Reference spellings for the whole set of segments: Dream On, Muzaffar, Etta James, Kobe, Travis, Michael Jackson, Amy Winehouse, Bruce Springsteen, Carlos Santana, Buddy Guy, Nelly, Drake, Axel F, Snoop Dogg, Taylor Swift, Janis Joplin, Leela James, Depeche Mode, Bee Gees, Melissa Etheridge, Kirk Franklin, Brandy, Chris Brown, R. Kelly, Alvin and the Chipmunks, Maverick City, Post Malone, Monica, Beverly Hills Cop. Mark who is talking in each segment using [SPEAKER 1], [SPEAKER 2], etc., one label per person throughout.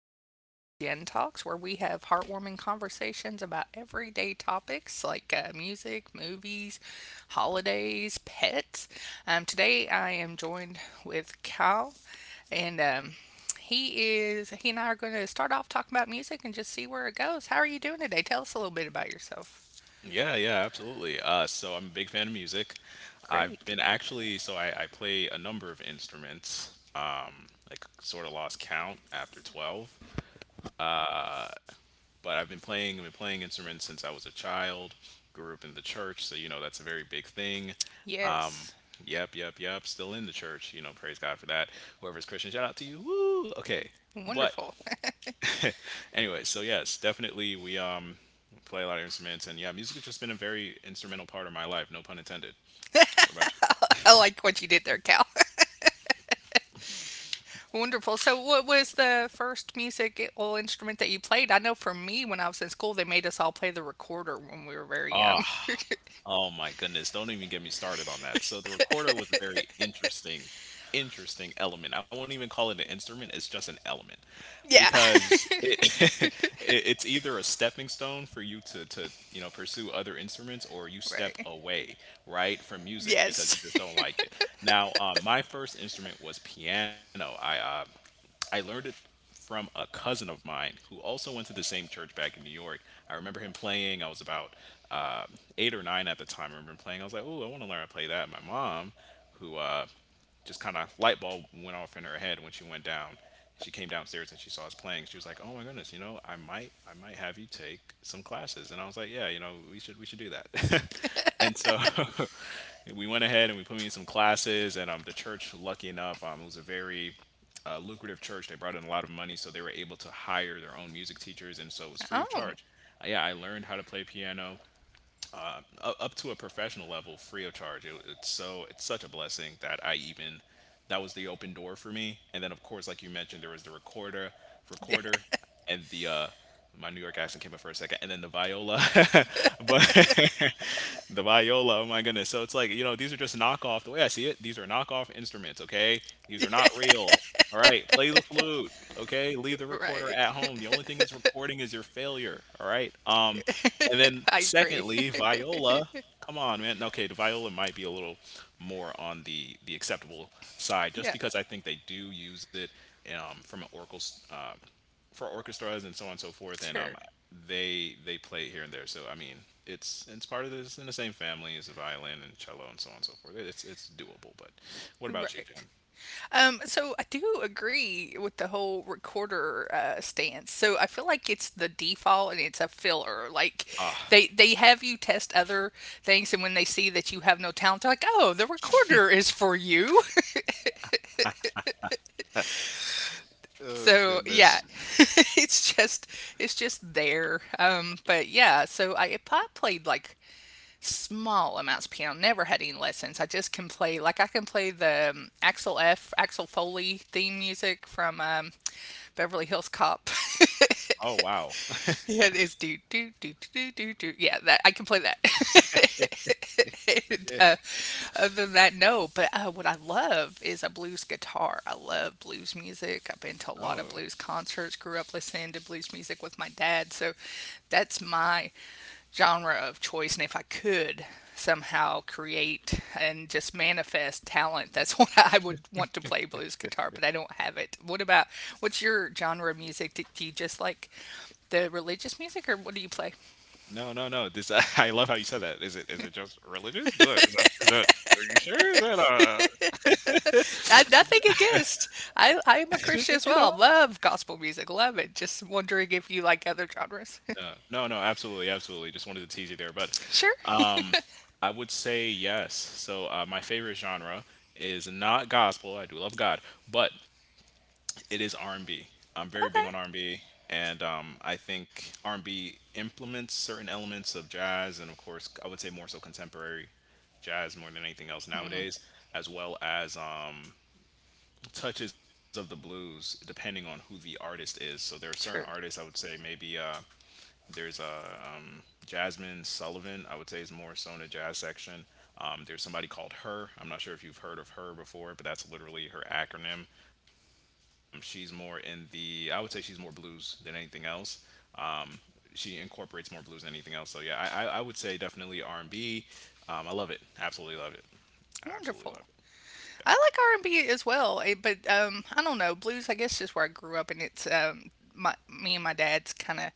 [SPEAKER 1] session of Gen Talks where we have heartwarming conversations about everyday topics like music, movies, holidays, pets. Today I am joined with Cal, and he and I are going to start off talking about music and just see where it goes. How are you doing today? Tell us a little bit about yourself.
[SPEAKER 2] Yeah, yeah, absolutely. So I'm a big fan of music. I've
[SPEAKER 1] Great.
[SPEAKER 2] been actually, so I play a number of instruments, like sort of lost count after 12, but I've been playing instruments since I was a child, grew up in the church, so you know, that's a very big thing.
[SPEAKER 1] Yes.
[SPEAKER 2] Yep, yep, yep, still in the church, you know, praise God for that. Whoever's Christian, shout out to you. Woo! Okay, but
[SPEAKER 1] Wonderful.
[SPEAKER 2] anyway, so yes, definitely we play a lot of instruments, and yeah, music has just been a very instrumental part of my life, no pun intended. What about
[SPEAKER 1] I like what you did there, Cal. Wonderful. So, what was the first musical instrument that you played? I know for me, when I was in school, they made us all play the recorder when we were very
[SPEAKER 2] you?
[SPEAKER 1] young.
[SPEAKER 2] Oh my goodness, don't even get me started on that. So the recorder was a very interesting element. I won't even call it an instrument, it's just an element
[SPEAKER 1] Yeah.
[SPEAKER 2] because it, it it's either a stepping stone for you to you know, pursue other instruments or you step
[SPEAKER 1] Right.
[SPEAKER 2] away, right, from music because you
[SPEAKER 1] Yes.
[SPEAKER 2] just don't like it. Now, my first instrument was piano. I learned it from a cousin of mine who also went to the same church back in New York. I remember him playing. I was about uh, eight or nine at the time. I remember him playing. I was like, "Oh, I want to learn how to play that." And my mom, who just kind of light bulb went off in her head when she went down. She came downstairs and she saw us playing. She was like, "Oh my goodness, you know, I might have you take some classes." And I was like, "Yeah, you know, we should do that." and so we went ahead and we put me in some classes. And The church, lucky enough, it was a very lucrative church. They brought in a lot of money, so they were able to hire their own music teachers, and so it was free of
[SPEAKER 1] Oh,
[SPEAKER 2] charge. Yeah, I learned how to play piano up to a professional level free of charge. It, it's so it's such a blessing that I even that was the open door for me. And then of course, like you mentioned, there was the recorder, and the my New York accent came up for a second, and then the viola, but the viola. Oh my goodness! So it's like you know these are just knockoff. The way I see it, these are knockoff instruments. Okay, these are not real. All right, play the flute. Okay, leave the
[SPEAKER 1] right.
[SPEAKER 2] recorder at home. The only thing that's recording is your failure. All right. Um, and then
[SPEAKER 1] I agree.
[SPEAKER 2] secondly, viola, come on, man. Okay, the viola might be a little more on the acceptable side,
[SPEAKER 1] Yeah,
[SPEAKER 2] just because I think they do use it from an oracle s- for orchestras and so on and so forth, and
[SPEAKER 1] sure.
[SPEAKER 2] um, they play it here and there. So I mean, it's part of this in the same family as the violin and cello and so on and so forth. It's doable. But what about you,
[SPEAKER 1] Right.
[SPEAKER 2] Jen?
[SPEAKER 1] So I do agree with the whole recorder stance. So I feel like it's the default and it's a filler. Like
[SPEAKER 2] Ah.
[SPEAKER 1] they have you test other things, and when they see that you have no talent, they're like, "Oh, the recorder is for you."
[SPEAKER 2] Oh
[SPEAKER 1] So
[SPEAKER 2] goodness.
[SPEAKER 1] yeah, it's just there. But yeah, so I played like small amounts of piano. Never had any lessons. I just can play like I can play the Axel F. Axel Foley theme music from Beverly Hills Cop.
[SPEAKER 2] Oh wow.
[SPEAKER 1] Yeah, it's do do do do do do. Yeah, that I can play that. And,
[SPEAKER 2] Yeah.
[SPEAKER 1] other than that, no. But what I love is a blues guitar. I love blues music. I've been
[SPEAKER 2] Oh
[SPEAKER 1] to a lot of blues concerts. Grew up listening to blues music with my dad, so that's my genre of choice. And if I could somehow create and just manifest talent, that's what I would want to play blues guitar. But I don't have it. What's your genre of music that you just like? The religious music, or what do you play?
[SPEAKER 2] no, no, no. This I love how you said that. Is it just religious? Do it is that are you sure? Is that
[SPEAKER 1] I, nothing against. I am a
[SPEAKER 2] just like you
[SPEAKER 1] Christian
[SPEAKER 2] know?
[SPEAKER 1] as well. Love gospel music. Love it. Just wondering if you like other genres.
[SPEAKER 2] No, no, no, absolutely, absolutely. Just wanted to tease you there. But
[SPEAKER 1] Sure.
[SPEAKER 2] um, I would say yes. So my favorite genre is not gospel. I do love God, but it is R&B. I'm very big on
[SPEAKER 1] Okay.
[SPEAKER 2] R&B and B, and I think R&B implements certain elements of jazz and of course I would say more so contemporary jazz more than anything else nowadays as well as touches of the blues depending on who the artist is. So there are certain artists I
[SPEAKER 1] Sure.
[SPEAKER 2] would say maybe there's Jasmine Sullivan, I would say is more so in the jazz section. There's somebody called Her. I'm not sure if you've heard of her before, but that's literally her acronym. She's more in the, I would say she's more blues than anything else. Um, she incorporates more blues than anything else. So yeah, I would say definitely R&B. I love it. Absolutely love it. I absolutely love it.
[SPEAKER 1] Wonderful. I like R and B as well, eh, but I don't know blues. I guess just where I grew up, and it's my me and my dad's kind of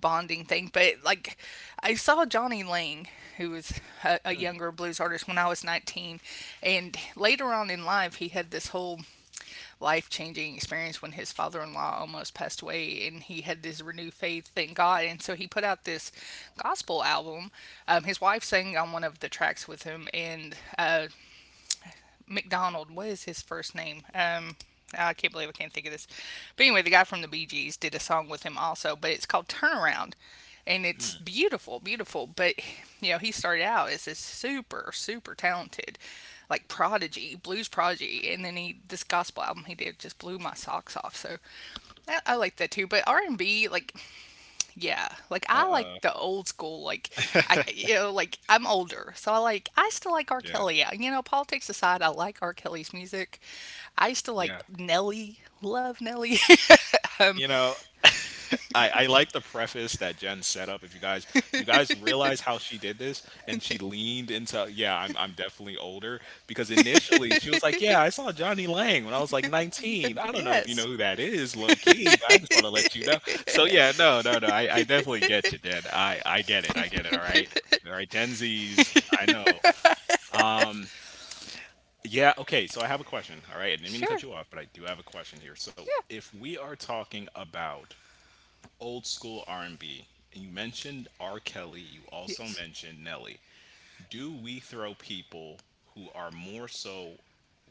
[SPEAKER 1] bonding thing. But like, I saw Johnny Lang, who was a younger blues artist when I was 19, and later on in life, he had this whole life changing experience when his father in law almost passed away and he had this renewed faith, thank God. And so he put out this gospel album. His wife sang on one of the tracks with him, and McDonald. What is his first name? I can't believe I can't think of this. But anyway, the guy from the Bee Gees did a song with him also, but it's called Turnaround. And it's
[SPEAKER 2] Yeah.
[SPEAKER 1] beautiful, beautiful. But, you know, he started out as this super, super talented, like prodigy, blues prodigy. And then he, this gospel album he did just blew my socks off. So I like that too. But R&B, like, yeah, like
[SPEAKER 2] Uh
[SPEAKER 1] I like
[SPEAKER 2] uh.
[SPEAKER 1] the old school, like I, you know, like I'm older, so I like I still like R.
[SPEAKER 2] Yeah.
[SPEAKER 1] Kelly. Yeah, you know, politics aside, I like R. Kelly's music. I used to like
[SPEAKER 2] Yeah.
[SPEAKER 1] Nelly, love Nelly. Um,
[SPEAKER 2] You know, I like the preface that Jen set up. If you guys realize how she did this and she leaned into yeah, I'm definitely older because initially she was like, yeah, I saw Johnny Lang when I was like 19. I don't know if you know
[SPEAKER 1] yes,
[SPEAKER 2] who that is, low key, but I just want to let you know. So yeah, no, no, no. I definitely get you, Jen. I get it. I get it, all right. All right, Gen Z's, I know. Yeah, okay, so I have a question. All right, I didn't mean to cut
[SPEAKER 1] sure,
[SPEAKER 2] you off, but I do have a question here. So
[SPEAKER 1] yeah,
[SPEAKER 2] if we are talking about old school R&B. You mentioned R. Kelly. You also
[SPEAKER 1] yes,
[SPEAKER 2] mentioned Nelly. Do we throw people who are more so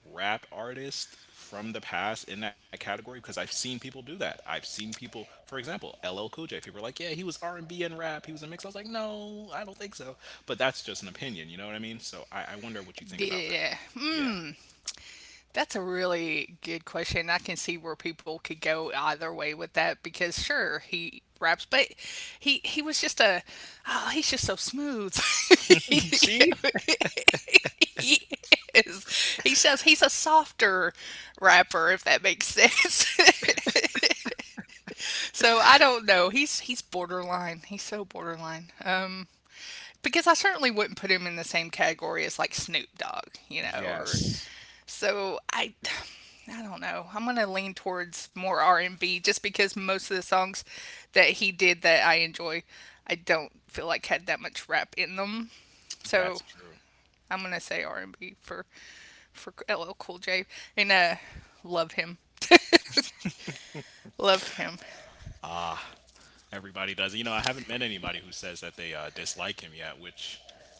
[SPEAKER 2] rap artists from the past in that category? Because I've seen people do that. I've seen people, for example, LL Cool J. People are like, "Yeah, he was R&B and B and rap. He was a mix." I was like, "No, I don't think so." But that's just an opinion. You know what I mean? So I wonder what you think about that.
[SPEAKER 1] yeah.
[SPEAKER 2] Yeah.
[SPEAKER 1] Mm, that's a really good question. I can see where people could go either way with that because sure he raps, but he was just a. Oh, he's just so smooth. he,
[SPEAKER 2] You see?
[SPEAKER 1] he is. He says he's a softer rapper if that makes sense. So I don't know. He's borderline. He's so borderline. Because I certainly wouldn't put him in the same category as like Snoop Dogg, you know, or
[SPEAKER 2] Yes,
[SPEAKER 1] so I don't know. I'm going to lean towards more R&B just because most of the songs that he did that I enjoy, I don't feel like had that much rap in them. So,
[SPEAKER 2] that's true.
[SPEAKER 1] I'm going to say R&B for LL Cool J and love him. Love him.
[SPEAKER 2] Everybody does. You know, I haven't met anybody who says that they dislike him yet, which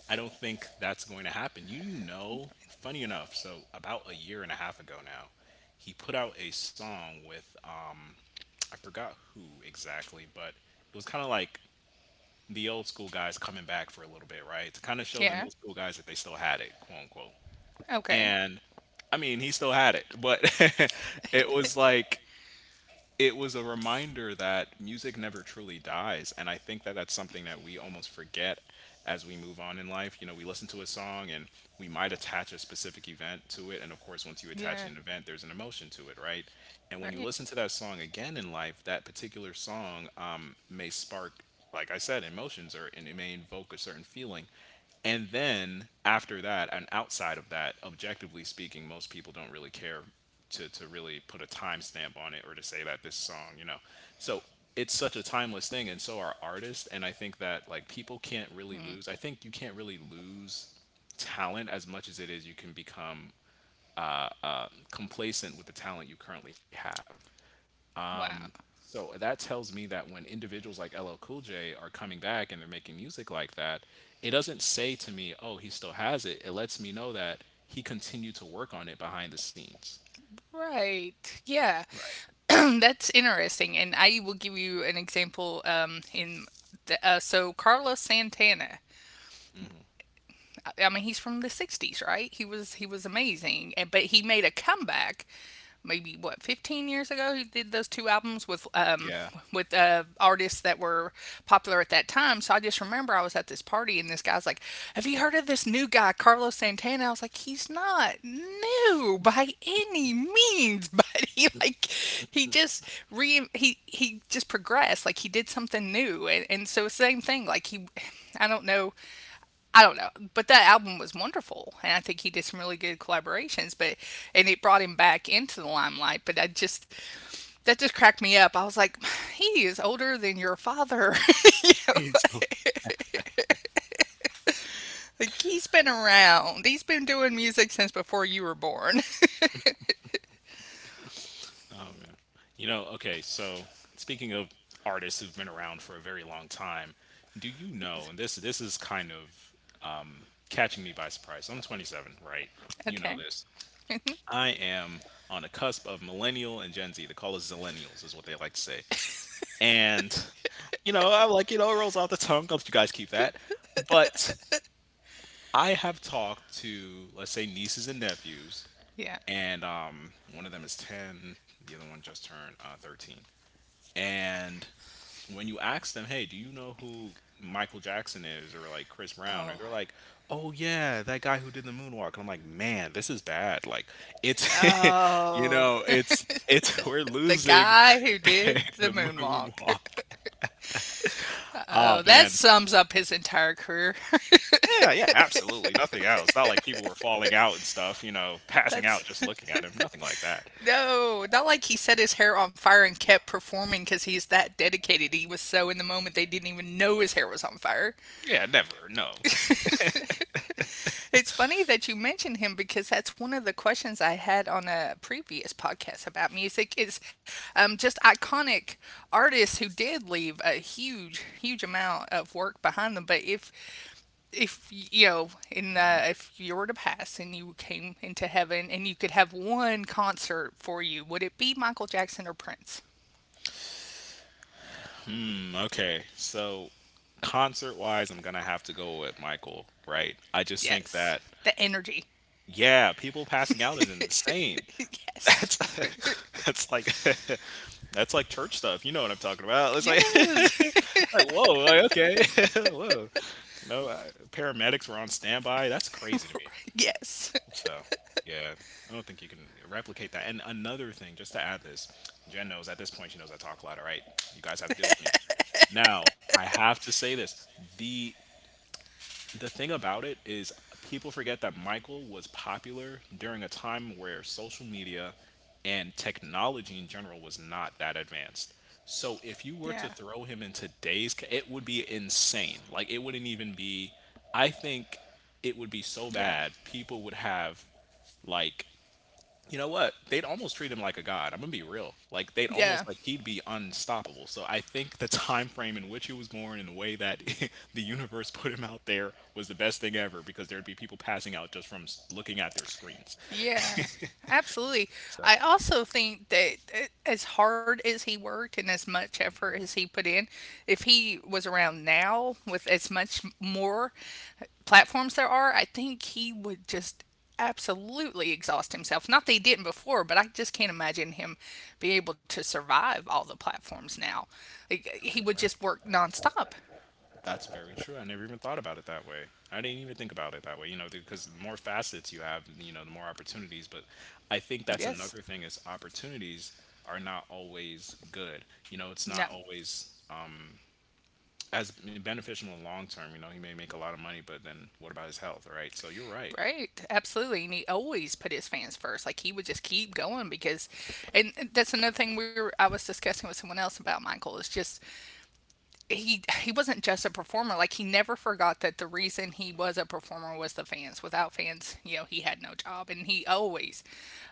[SPEAKER 2] I don't think that's going to happen. You know, funny enough, so about a year and a half ago now, he put out a song with, I forgot who exactly, but it was kind of like the old school guys coming back for a little bit, right? To kind of show the
[SPEAKER 1] Yeah.
[SPEAKER 2] new school guys that they still had it, quote unquote
[SPEAKER 1] Okay.
[SPEAKER 2] and I mean, he still had it, but it was like it was a reminder that music never truly dies, and I think that that's something that we almost forget as we move on in life. You know, we listen to a song and we might attach a specific event to it, and of course, once you attach an
[SPEAKER 1] Yeah.
[SPEAKER 2] event, there's an emotion to it, right? And when you
[SPEAKER 1] Right.
[SPEAKER 2] listen to that song again in life, that particular song may spark like I said, emotions or and it may invoke a certain feeling. And then after that, and outside of that, objectively speaking, most people don't really care to really put a timestamp on it or to say that this song, you know. So it's such a timeless thing, and so are artists. And I think that like people can't really lose. I think you can't really lose talent as much as it is you can become complacent with the talent you currently have.
[SPEAKER 1] Wow.
[SPEAKER 2] So that tells me that when individuals like LL Cool J are coming back and they're making music like that, it doesn't say to me, "Oh, he still has it." It lets me know that he continued to work on it behind the scenes.
[SPEAKER 1] Right. Yeah.
[SPEAKER 2] Right.
[SPEAKER 1] That's interesting, and I will give you an example. In the, so Carlos Santana, I mean, he's from the '60s, right? He was amazing, and but he made a comeback. Maybe what, 15 years ago, he did those two albums with
[SPEAKER 2] Yeah.
[SPEAKER 1] artists that were popular at that time. So I just remember I was at this party and this guy's like, "Have you heard of this new guy, Carlos Santana?" I was like, "He's not new by any means," but he like he just progressed. Like he did something new, and so same thing. Like he, I don't know I don't know, but that album was wonderful, and I think he did some really good collaborations. But and it brought him back into the limelight. But I just that just cracked me up. I was like, he is older than your father. You know, like he's been around. He's been doing music since before you were born.
[SPEAKER 2] You know, okay, so speaking of artists who've been around for a very long time, do you know, and this is kind of catching me by surprise. I'm 27, right? You know
[SPEAKER 1] Okay.
[SPEAKER 2] this. I am on a cusp of millennial and Gen Z. They call us zillennials, is what they like to say. And, you know, I'm like, you know, it rolls off the tongue. I'll let you guys keep that. But I have talked to, let's say, nieces and nephews,
[SPEAKER 1] Yeah.
[SPEAKER 2] and one of them is 10, the other one just turned 13. And when you ask them, hey, do you know who Michael Jackson is or like Chris Brown? And
[SPEAKER 1] Oh.
[SPEAKER 2] they're like, oh, yeah, that guy who did the moonwalk. And I'm like, man, this is bad. Like, it's, you
[SPEAKER 1] Oh.
[SPEAKER 2] know, we're
[SPEAKER 1] The
[SPEAKER 2] losing
[SPEAKER 1] guy who did
[SPEAKER 2] the
[SPEAKER 1] the moonwalk.
[SPEAKER 2] moonwalk. Oh,
[SPEAKER 1] Oh, that
[SPEAKER 2] man.
[SPEAKER 1] sums up his entire career.
[SPEAKER 2] Yeah, yeah, absolutely, nothing else, not like people were falling out and stuff, you know, passing out
[SPEAKER 1] That's
[SPEAKER 2] just looking at him, nothing like that.
[SPEAKER 1] no, not like he set his hair on fire and kept performing because he's that dedicated. He was so in the moment they didn't even know his hair was on fire.
[SPEAKER 2] Yeah, never, no.
[SPEAKER 1] It's funny that you mentioned him because that's one of the questions I had on a previous podcast about music is just iconic artists who did leave a huge, huge amount of work behind them. But if you know, in
[SPEAKER 2] Mhm.
[SPEAKER 1] if you were to pass and you came into heaven and you could have one concert for you, would it be Michael Jackson or Prince?
[SPEAKER 2] Hmm, okay, so concert-wise, I'm gonna have to go with Michael, right? I just think
[SPEAKER 1] Yes,
[SPEAKER 2] that,
[SPEAKER 1] the energy.
[SPEAKER 2] yeah, people passing out is insane.
[SPEAKER 1] Yes,
[SPEAKER 2] That's that's like that's like church stuff, you know what I'm talking about, it's like
[SPEAKER 1] yes,
[SPEAKER 2] like, "Whoa," like, "Okay, whoa," you know, paramedics were on standby, that's crazy to me.
[SPEAKER 1] yes.
[SPEAKER 2] So, yeah, I don't think you can replicate that. And another thing, just to add this, Jen knows at this point, she knows I talk a lot. All right, you guys have to deal with me. Now, I have to say this: the the thing about it is, people forget that Michael was popular during a time where social media and technology in general was not that advanced. So, if you were
[SPEAKER 1] Yeah,
[SPEAKER 2] to throw him in today's, it would be insane. Like, it wouldn't even be. I think it would be so
[SPEAKER 1] yeah,
[SPEAKER 2] bad people would have like, you know what? They'd almost treat him like a god. I'm gonna be real. Like they'd
[SPEAKER 1] yeah.
[SPEAKER 2] almost like he'd be unstoppable. So I think the time frame in which he was born and the way that the universe put him out there was the best thing ever because there'd be people passing out just from looking at their screens.
[SPEAKER 1] Yeah, absolutely. I also think that as hard as he worked and as much effort as he put in, if he was around now with as much more platforms there are, I think he would just absolutely exhaust himself. Not that he didn't before, but I just can't imagine him be able to survive all the platforms now. Like, he would
[SPEAKER 2] way.
[SPEAKER 1] just work nonstop.
[SPEAKER 2] That's very true. I never even thought about it that way. I didn't even think about it that way, you know, because the more facets you have, you know, the more opportunities. But I think that's
[SPEAKER 1] Yes.
[SPEAKER 2] another thing is opportunities are not always good. You know, it's
[SPEAKER 1] No.
[SPEAKER 2] not always as beneficial in the long term. You know, he may make a lot of money, but then what about his health, right? So you're right.
[SPEAKER 1] Right, absolutely, and he always put his fans first. Like he would just keep going because, and that's another thing we were I was discussing with someone else about Michael is just he wasn't just a performer. Like he never forgot that the reason he was a performer was the fans. Without fans, you know, he had no job, and he always,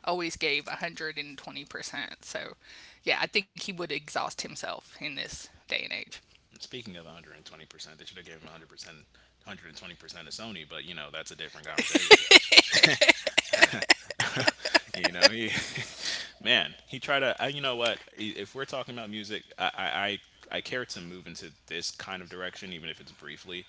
[SPEAKER 1] always gave 120%. So, yeah, I think he would exhaust himself in this day and age.
[SPEAKER 2] Speaking of 120%, they should have given him 100%, 120% of Sony, but you know, that's a different conversation. you know, he, man, he tried to. I, you know what? If we're talking about music, I care to move into this kind of direction, even if it's briefly.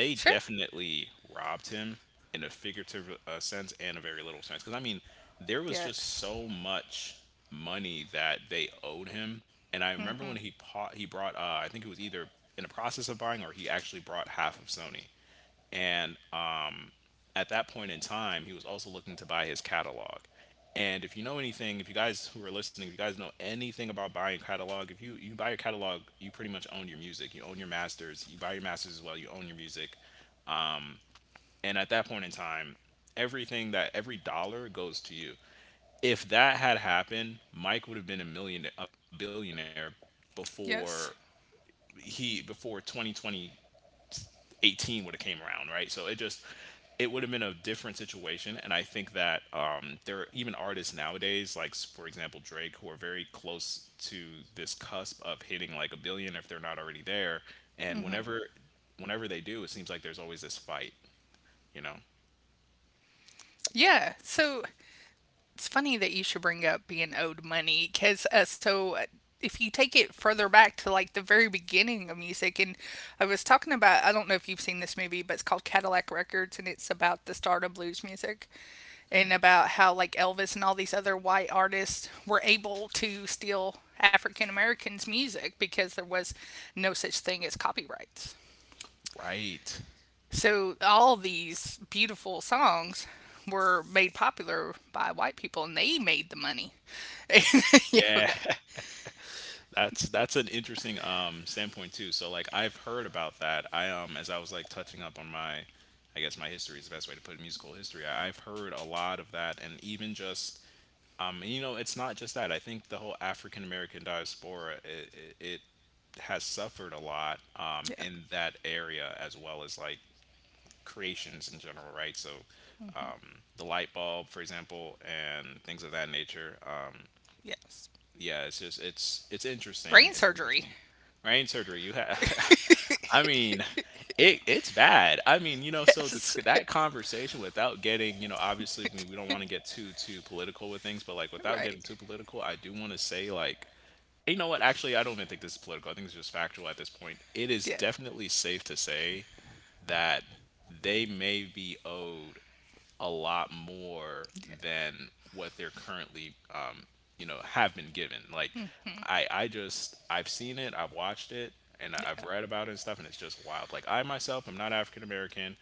[SPEAKER 1] Sure.
[SPEAKER 2] definitely robbed him in a figurative sense and a very little sense, because I mean, there was just
[SPEAKER 1] Yes.
[SPEAKER 2] so much money that they owed him. And I remember when he brought, I think it was either in the process of buying or he actually brought half of Sony and at that point in time, he was also looking to buy his catalog. And if you know anything, if you guys who are listening, if you guys know anything about buying catalog, if you, you buy your catalog, you pretty much own your music. You own your masters. You buy your masters as well. You own your music. And at that point in time, everything that every dollar goes to you. If that had happened, Mike would have been a billionaire before
[SPEAKER 1] Yes.
[SPEAKER 2] he before 2020 18 would have came around, right? So it just it would have been a different situation. And I think that there are even artists nowadays, like for example Drake, who are very close to this cusp of hitting like a billion, if they're not already there. And whenever they do, it seems like there's always this fight, you know.
[SPEAKER 1] Yeah. So it's funny that you should bring up being owed money because if you take it further back to like the very beginning of music, and I was talking about I don't know if you've seen this movie, but it's called Cadillac Records and it's about the start of blues music and
[SPEAKER 2] Hmm,
[SPEAKER 1] about how like Elvis and all these other white artists were able to steal African Americans' music because there was no such thing as copyrights.
[SPEAKER 2] right,
[SPEAKER 1] So all these beautiful songs were made popular by white people, and they made the money. Yeah,
[SPEAKER 2] yeah.
[SPEAKER 1] that,
[SPEAKER 2] That's an interesting standpoint too. So like I've heard about that. I as I was like touching up on my, I guess my history is the best way to put it, musical history. I've heard a lot of that, and even just you know, it's not just that. I think the whole African American diaspora, it has suffered a lot
[SPEAKER 1] yeah,
[SPEAKER 2] in that area as well as like creations in general, right? So the light bulb, for example, and things of that nature.
[SPEAKER 1] yes.
[SPEAKER 2] Yeah, it's just it's interesting.
[SPEAKER 1] Brain
[SPEAKER 2] It's
[SPEAKER 1] surgery.
[SPEAKER 2] interesting. Brain surgery, you have. I mean, it's bad. I mean, you know, so the,
[SPEAKER 1] Yes,
[SPEAKER 2] that conversation, without getting, you know, obviously we don't want to get too political with things, but like without getting
[SPEAKER 1] right.
[SPEAKER 2] too political, I do want to say like, you know what? Actually, I don't even think this is political. I think it's just factual at this point. It is
[SPEAKER 1] Yeah,
[SPEAKER 2] definitely safe to say that they may be owed a lot more
[SPEAKER 1] yeah,
[SPEAKER 2] than what they're currently you know, have been given. Like, I've seen it, I've watched it, and I've
[SPEAKER 1] yeah,
[SPEAKER 2] read about it and stuff, and it's just wild. Like I myself am not African American.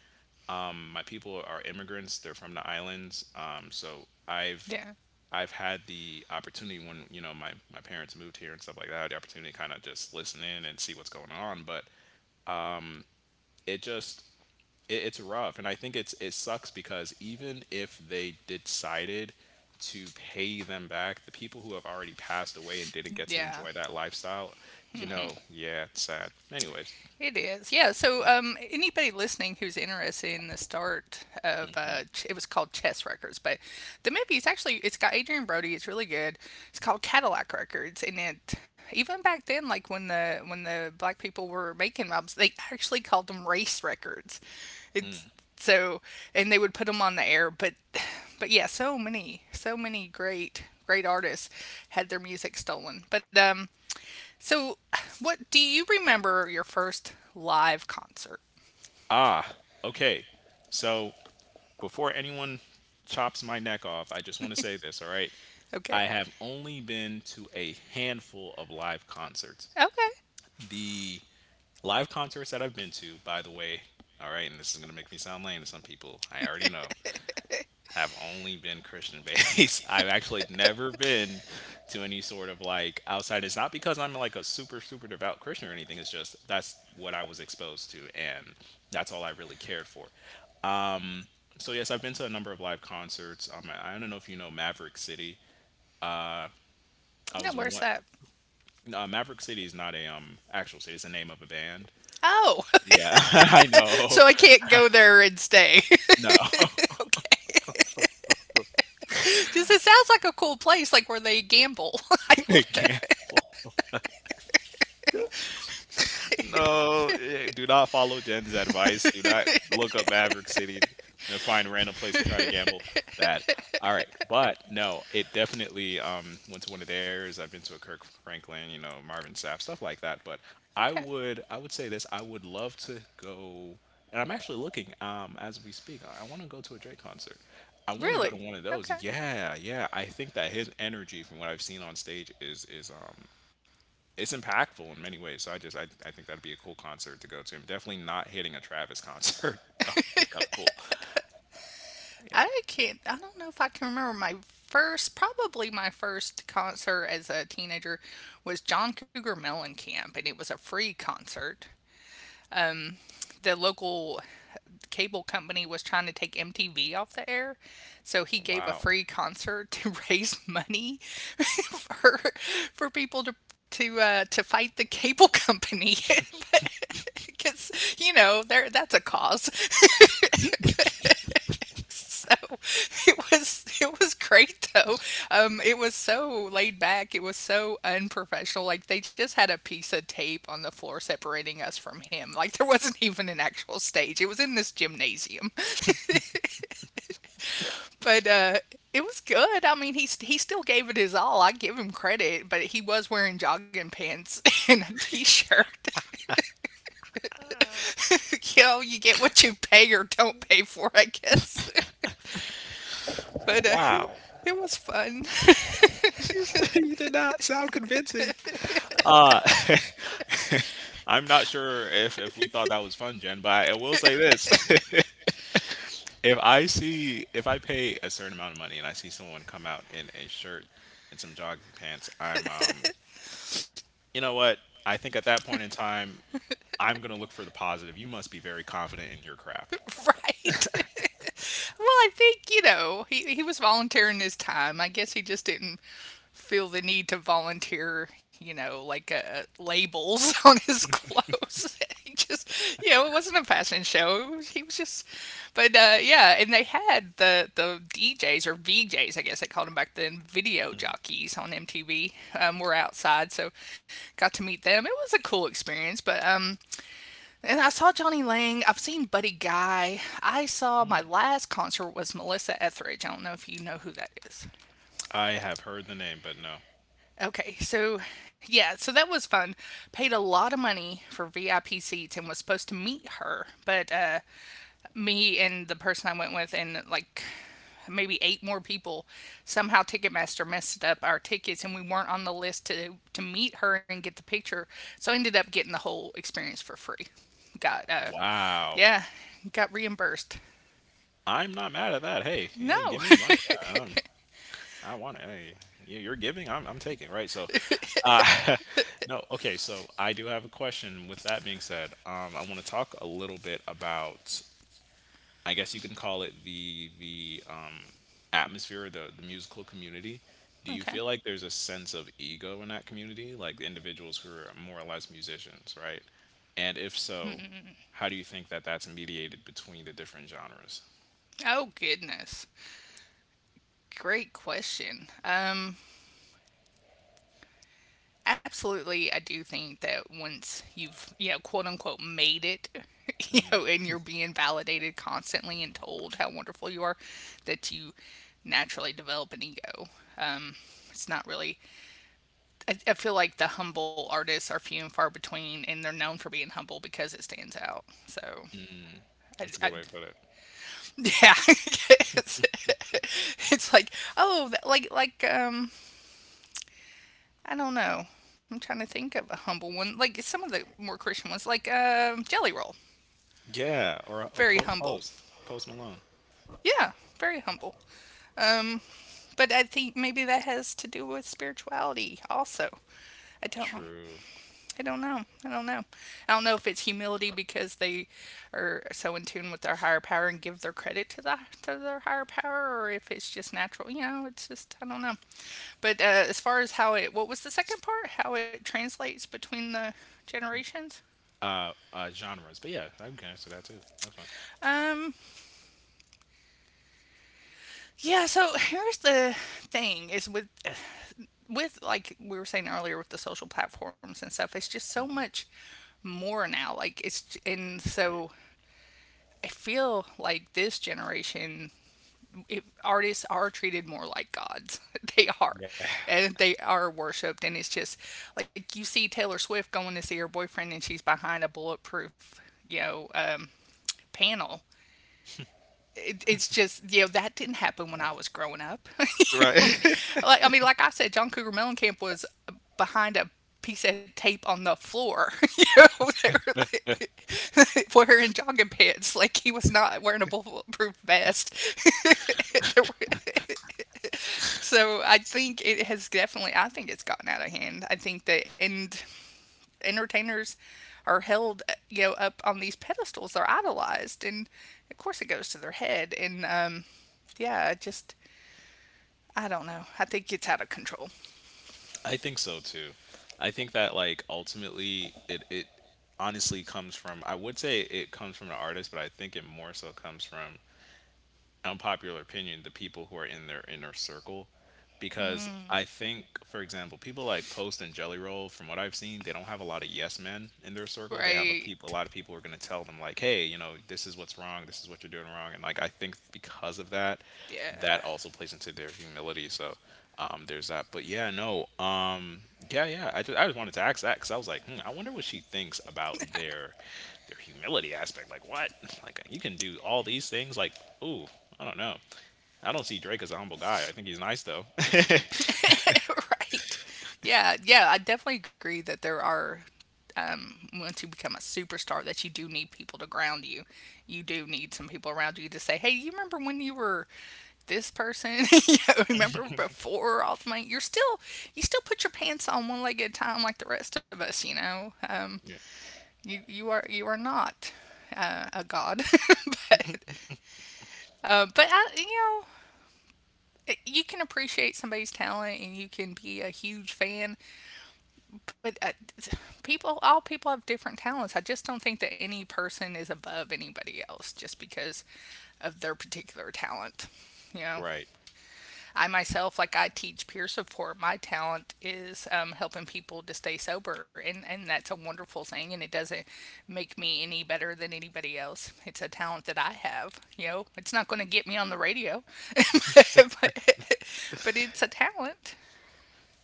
[SPEAKER 2] My people are immigrants, they're from the islands.
[SPEAKER 1] yeah,
[SPEAKER 2] I've had the opportunity when, you know, my parents moved here and stuff like that. I had the opportunity to kind of just listen in and see what's going on. But it just it's rough, and I think it's it sucks because even if they decided to pay them back, the people who have already passed away and didn't get to
[SPEAKER 1] yeah.
[SPEAKER 2] enjoy that lifestyle, you know. Yeah, it's sad anyways.
[SPEAKER 1] It is, yeah. So, anybody listening who's interested in the start of it was called Chess Records, but the movie is actually it's got Adrian Brody. It's really good. It's called Cadillac Records, and it even back then, like when the black people were making albums, they actually called them race records. It's so, and they would put them on the air, but yeah, so many, so many great, great artists had their music stolen, but um, so what, do you remember your first live concert?
[SPEAKER 2] ah okay, so before anyone chops my neck off, I just want to say this. All right,
[SPEAKER 1] Okay.
[SPEAKER 2] I have only been to a handful of live concerts.
[SPEAKER 1] Okay.
[SPEAKER 2] The live concerts that I've been to, by the way, all right, and this is going to make me sound lame to some people, I already know, have only been Christian based. I've actually never been to any sort of like outside. It's not because I'm like a super, super devout Christian or anything. It's just that's what I was exposed to, and that's all I really cared for. So, yes, I've been to a number of live concerts. I don't know if you know Maverick City. I
[SPEAKER 1] Now
[SPEAKER 2] was
[SPEAKER 1] where's
[SPEAKER 2] one.
[SPEAKER 1] that?
[SPEAKER 2] Maverick City is not a actual city. It's the name of a band.
[SPEAKER 1] Oh.
[SPEAKER 2] Yeah, I know.
[SPEAKER 1] So I can't go there and stay
[SPEAKER 2] No,
[SPEAKER 1] because it sounds like a cool place like where they gamble. I
[SPEAKER 2] they
[SPEAKER 1] don't.
[SPEAKER 2] can't. No, do not follow Jen's advice. Do not look up Maverick City and find a random place to try to gamble. Bad. All right, but no, it definitely went to one of theirs. I've been to a Kirk Franklin, you know, Marvin Sapp, stuff like that. But
[SPEAKER 1] Okay.
[SPEAKER 2] I would say this. I would love to go, and I'm actually looking as we speak. I want to go to a Drake concert. I want to go to
[SPEAKER 1] Really.
[SPEAKER 2] one of those.
[SPEAKER 1] Okay.
[SPEAKER 2] Yeah, yeah. I think that his energy, from what I've seen on stage, is it's impactful in many ways. So I think that'd be a cool concert to go to. I'm definitely not hitting a Travis concert though. I think that's cool. Yeah.
[SPEAKER 1] I can't, I don't know if I can remember my first, probably my first concert as a teenager was John Cougar Mellencamp, and it was a free concert. The local cable company was trying to take MTV off the air, so he gave a
[SPEAKER 2] Wow.
[SPEAKER 1] free concert to raise money for for people to to fight the cable company. Because you know, there that's a cause. So it was great though. It was so laid back. It was so unprofessional. Like they just had a piece of tape on the floor separating us from him. Like there wasn't even an actual stage. It was in this gymnasium, but it was good. I mean, he still gave it his all. I give him credit, but he was wearing jogging pants and a t-shirt. You get what you pay or don't pay for, I guess. But uh, it,
[SPEAKER 2] Wow.
[SPEAKER 1] it was fun.
[SPEAKER 2] You, you did not sound convincing. Uh, I'm not sure if we thought that was fun, Jen, but I will say this. If I see, if I pay a certain amount of money and I see someone come out in a shirt and some jogging pants, I'm you know what? I think at that point in time I'm going to look for the positive. You must be very confident in your craft.
[SPEAKER 1] right. well, I think, he was volunteering his time. I guess he just didn't feel the need to volunteer, you know, like labels on his clothes. he just, you know, it wasn't a fashion show. It was- He was just, but yeah, and they had the DJs or VJs, I guess they called them back then, video jockeys on MTV. Were outside, so got to meet them. It was a cool experience, but and I saw Johnny Lang. I've seen Buddy Guy. I saw,
[SPEAKER 2] Hmm.
[SPEAKER 1] my last concert was Melissa Etheridge. I don't know if you know who that is.
[SPEAKER 2] I have heard the name, but no.
[SPEAKER 1] Okay, so yeah, so that was fun. Paid a lot of money for VIP seats and was supposed to meet her, but me and the person I went with and like maybe eight more people, somehow Ticketmaster messed up our tickets and we weren't on the list to meet her and get the picture. So I ended up getting the whole experience for free. Got
[SPEAKER 2] Wow.
[SPEAKER 1] yeah, got reimbursed.
[SPEAKER 2] I'm not mad at that. Hey, yeah,
[SPEAKER 1] No.
[SPEAKER 2] give me money. Yeah, I want it. Hey, you're giving, I'm taking, right? So, uh, no, okay. So I do have a question. With that being said, I want to talk a little bit about, I guess you can call it the atmosphere, the musical community. Do you
[SPEAKER 1] okay.
[SPEAKER 2] feel like there's a sense of ego in that community, like the individuals who are more or less musicians, right? And if so, how do you think that that's mediated between the different genres?
[SPEAKER 1] Oh goodness. Great question. Absolutely, I do think that once you've, you know, quote unquote made it, you know, and you're being validated constantly and told how wonderful you are, that you naturally develop an ego. It's not really, I feel like the humble artists are few and far between, and they're known for being humble because it stands out. So,
[SPEAKER 2] Mm,
[SPEAKER 1] I,
[SPEAKER 2] that's a
[SPEAKER 1] I
[SPEAKER 2] good way to put it.
[SPEAKER 1] yeah, it's, it's like, oh, I don't know. I'm trying to think of a humble one. Like some of the more Christian ones, like Jelly Roll.
[SPEAKER 2] Yeah, or
[SPEAKER 1] Very humble.
[SPEAKER 2] post Post Malone.
[SPEAKER 1] Yeah, very humble. Um, but I think maybe that has to do with spirituality also. I don't.
[SPEAKER 2] True.
[SPEAKER 1] I don't know. I don't know. I don't know if it's humility because they are so in tune with their higher power and give their credit to their higher power, or if it's just natural. You know, it's just, I don't know. But As far as how it, what was the second part? How it translates between the generations?
[SPEAKER 2] Genres, but yeah, I can answer that too. That's fine.
[SPEAKER 1] Um yeah, so here's the thing is with like we were saying earlier with the social platforms and stuff, it's just so much more now. Like it's, and
[SPEAKER 2] Right.
[SPEAKER 1] so I feel like this generation, artists are treated more like gods. they are.
[SPEAKER 2] Yeah.
[SPEAKER 1] And they are worshiped and it's just like you see Taylor Swift going to see her boyfriend and she's behind a bulletproof, you know, panel, it's just, you know that didn't happen when I was growing up.
[SPEAKER 2] Right.
[SPEAKER 1] like, I mean, like I said, John Cougar Mellencamp was behind a piece of tape on the floor. you know, they were like wearing jogging pants, like he was not wearing a bulletproof vest. There were- so I think it has definitely. I think it's gotten out of hand. I think that, and entertainers are held, you know, up on these pedestals. They're idolized, and of course it goes to their head. And Yeah, I just, I don't know. I think it's out of control.
[SPEAKER 2] I think so too. I think that like ultimately it honestly comes from, I would say it comes from the artist, but I think it more so comes from, unpopular opinion, the people who are in their inner circle, because I think, for example, people like Post and Jelly Roll, from what I've seen, they don't have a lot of yes men in their circle. They have
[SPEAKER 1] Right.
[SPEAKER 2] a lot of people who are going to tell them like, hey, you know, this is what's wrong, this is what you're doing wrong, and like I think because of that,
[SPEAKER 1] Yeah.
[SPEAKER 2] that also plays into their humility. So there's that. But yeah, no, yeah, yeah. I just wanted to ask that because I was like, hmm, I wonder what she thinks about their humility aspect. Like, what? Like you can do all these things. Like, ooh, I don't know. I don't see Drake as a humble guy. I think he's nice though.
[SPEAKER 1] Right. Yeah, yeah, I definitely agree that there are once you become a superstar that you do need people to ground you. You do need some people around you to say, "Hey, you remember when you were this person? you know, remember before Ultimate? You still put your pants on one leg at a time like the rest of us, you know.
[SPEAKER 2] Yeah.
[SPEAKER 1] You are you are not a god, but but I, you know, you can appreciate somebody's talent and you can be a huge fan, but people, all people have different talents. I just don't think that any person is above anybody else just because of their particular talent, you know.
[SPEAKER 2] Right.
[SPEAKER 1] I myself, like, I teach peer support. My talent is helping people to stay sober, and that's a wonderful thing and it doesn't make me any better than anybody else. It's a talent that I have, you know. It's not going to get me on the radio, but, but but it's a talent.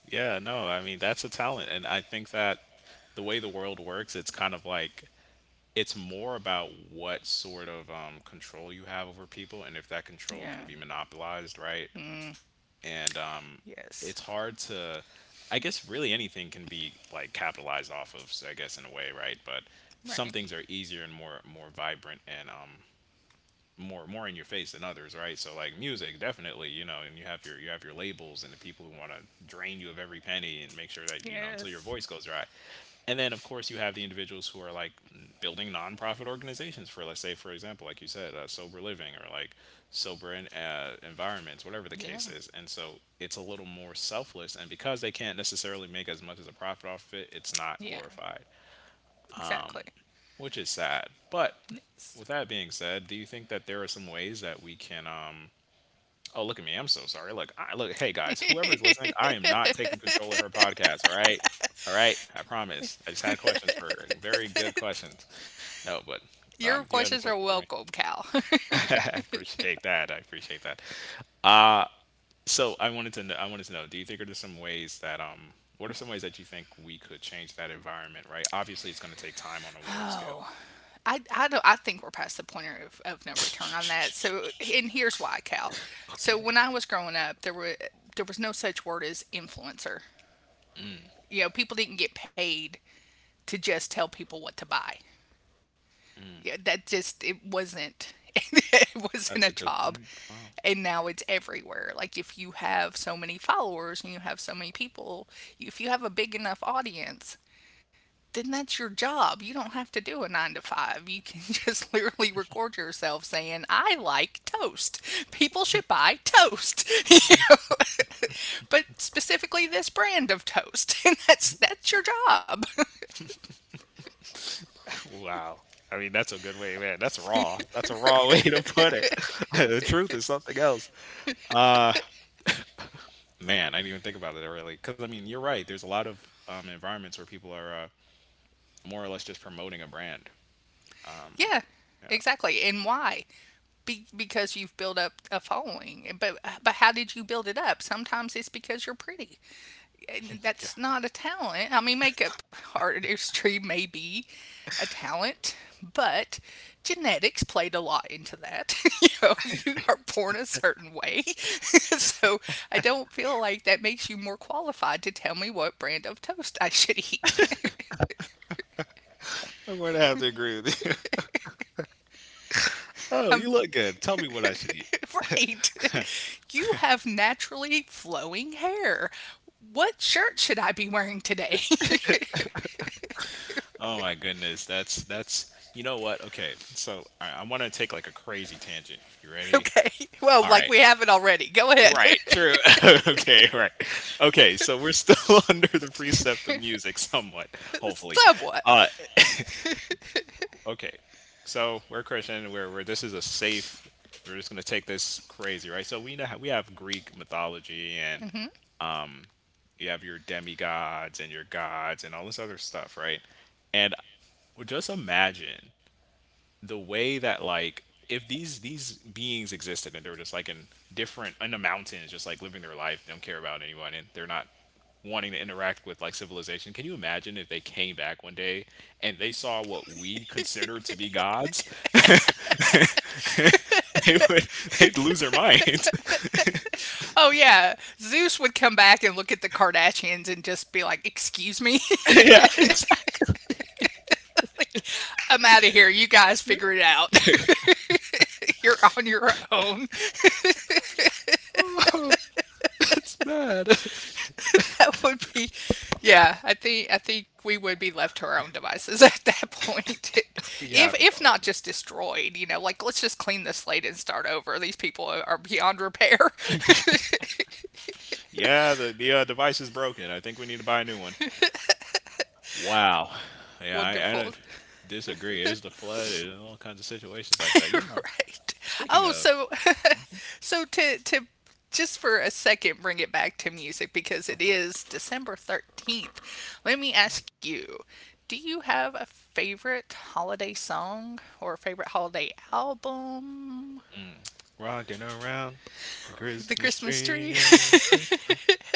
[SPEAKER 2] Yeah, no, I mean, that's a talent. And I think that the way the world works, it's kind of like it's more about what sort of control you have over people, and if that control can
[SPEAKER 1] Yeah.
[SPEAKER 2] be monopolized, right? And
[SPEAKER 1] Yes.
[SPEAKER 2] It's hard to, I guess, really anything can be like capitalized off of, so I guess, in a way, right? But
[SPEAKER 1] Right.
[SPEAKER 2] some things are easier and more vibrant and more in your face than others, right? So like music, definitely, you know, and you have your labels and the people who want to drain you of every penny and make sure that you know until your
[SPEAKER 1] Yes.
[SPEAKER 2] voice goes dry. And then of course you have the individuals who are like building nonprofit organizations for let's say for example like you said sober living or like sober in, environments whatever the
[SPEAKER 1] Yeah,
[SPEAKER 2] case is and so it's a little more selfless and because they can't necessarily make as much as a profit off of it it's not
[SPEAKER 1] yeah,
[SPEAKER 2] glorified
[SPEAKER 1] exactly.
[SPEAKER 2] which is sad. But
[SPEAKER 1] Yes.
[SPEAKER 2] with that being said, do you think that there are some ways that we can? Oh, look at me. I'm so sorry. Look. Hey guys, whoever's listening, I am not taking control of her podcast. All right, all right. I promise. I just had questions for her. Very good questions. No, but
[SPEAKER 1] Your
[SPEAKER 2] do you have any
[SPEAKER 1] questions are
[SPEAKER 2] questions for me?
[SPEAKER 1] welcome, Cal.
[SPEAKER 2] I appreciate that. I appreciate that. Uh so I wanted to know. I wanted to know. Do you think are there some ways that what are some ways that you think we could change that environment? Right. Obviously, it's going to take time on a world
[SPEAKER 1] Oh,
[SPEAKER 2] scale.
[SPEAKER 1] I, don't, I think we're past the point of no return on that. So, and here's why, Cal. So, when I was growing up, there were, there was no such word as influencer. You know, people didn't get paid to just tell people what to buy.
[SPEAKER 2] Mm.
[SPEAKER 1] Yeah, that just, it wasn't, it wasn't
[SPEAKER 2] That's
[SPEAKER 1] a
[SPEAKER 2] a good
[SPEAKER 1] job,
[SPEAKER 2] point. Wow.
[SPEAKER 1] and now it's everywhere. Like, if you have so many followers and you have so many people, if you have a big enough audience, then that's your job. You don't have to do a 9 to 5. You can just literally record yourself saying, "I like toast. People should buy toast." You know? But specifically this brand of toast, and that's your job.
[SPEAKER 2] Wow. I mean, that's a good way, man. That's raw. That's a raw way to put it. The truth is something else. Uh, Man, I didn't even think about it really. Because, I mean, you're right. There's a lot of environments where people are more or less just promoting a brand. Um,
[SPEAKER 1] Yeah,
[SPEAKER 2] yeah.
[SPEAKER 1] exactly. And why? Because you've built up a following. But how did you build it up? Sometimes it's because you're pretty. And
[SPEAKER 2] Yeah.
[SPEAKER 1] that's not a talent. I mean, makeup artistry may be a talent, but genetics played a lot into that. you know, you are born a certain way. so, I don't feel like that makes you more qualified to tell me what brand of toast I should eat.
[SPEAKER 2] I'm going to have to agree with you. Oh,
[SPEAKER 1] I'm
[SPEAKER 2] you look good. Tell me what I should eat.
[SPEAKER 1] Right. You have naturally flowing hair. What shirt should I be wearing today?
[SPEAKER 2] Oh my goodness. That's you know what? Okay. So I want to take like a crazy tangent. You ready?
[SPEAKER 1] okay. Well,
[SPEAKER 2] All
[SPEAKER 1] like
[SPEAKER 2] right.
[SPEAKER 1] we haven't already. Go ahead.
[SPEAKER 2] Right, true. Okay, right. Okay, so we're still under the precept of music somewhat, hopefully.
[SPEAKER 1] Somewhat.
[SPEAKER 2] Uh okay. So we're Christian, we're this is a safe we're just gonna take this crazy, right? So we know how, we have Greek mythology and
[SPEAKER 1] Hmm.
[SPEAKER 2] you have your demigods and your gods and all this other stuff, right? And just imagine the way that like if these beings existed and they were just like in different in the mountains just like living their life they don't care about anyone and they're not wanting to interact with like civilization can you imagine if they came back one day and they saw what we consider to be gods. They would they'd lose their mind.
[SPEAKER 1] Oh, yeah. Zeus would come back and look at the Kardashians and just be like, "Excuse me?"
[SPEAKER 2] Yeah, exactly.
[SPEAKER 1] like, I'm out of here. You guys figure it out. You're on your own.
[SPEAKER 2] Oh, it's bad.
[SPEAKER 1] That would be, yeah. I think we would be left to our own devices at that point,
[SPEAKER 2] We haven't
[SPEAKER 1] if not
[SPEAKER 2] already.
[SPEAKER 1] just destroyed. You know, like, let's just clean the slate and start over. These people are beyond repair.
[SPEAKER 2] Yeah, the device is broken. I think we need to buy a new one. Wow. Yeah, I
[SPEAKER 1] Wonderful,
[SPEAKER 2] don't disagree. There's the flood and all kinds of situations like that. You know,
[SPEAKER 1] right?
[SPEAKER 2] speaking
[SPEAKER 1] Oh, so, so to just for a second bring it back to music because
[SPEAKER 2] of
[SPEAKER 1] it
[SPEAKER 2] course,
[SPEAKER 1] is December 13th. Let me ask you. Do you have a favorite holiday song or a favorite holiday album?
[SPEAKER 2] mm, rocking around the
[SPEAKER 1] The
[SPEAKER 2] Christmas
[SPEAKER 1] Christmas
[SPEAKER 2] tree.
[SPEAKER 1] tree.
[SPEAKER 2] Yeah.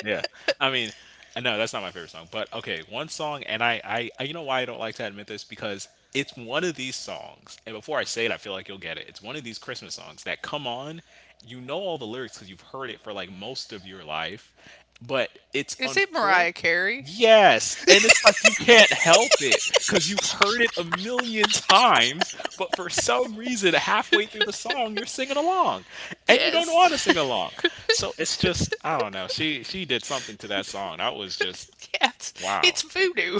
[SPEAKER 2] Yeah. I mean, no, that's not my favorite song, but okay, one song, and I, you know why I don't like to admit this because it's one of these songs, and before I say it, I feel like you'll get it. It's one of these Christmas songs that come on, you know all the lyrics because you've heard it for like most of your life, but it's
[SPEAKER 1] Is it Mariah
[SPEAKER 2] unfortunate.
[SPEAKER 1] Carey?
[SPEAKER 2] Yes, and it's like you can't help it because you've heard it a million times, but for some reason, halfway through the song, you're singing along, and you don't know how
[SPEAKER 1] Yes.
[SPEAKER 2] to sing along. So it's just I don't know. She did something to that song. That was just
[SPEAKER 1] yeah,
[SPEAKER 2] wow.
[SPEAKER 1] it's voodoo.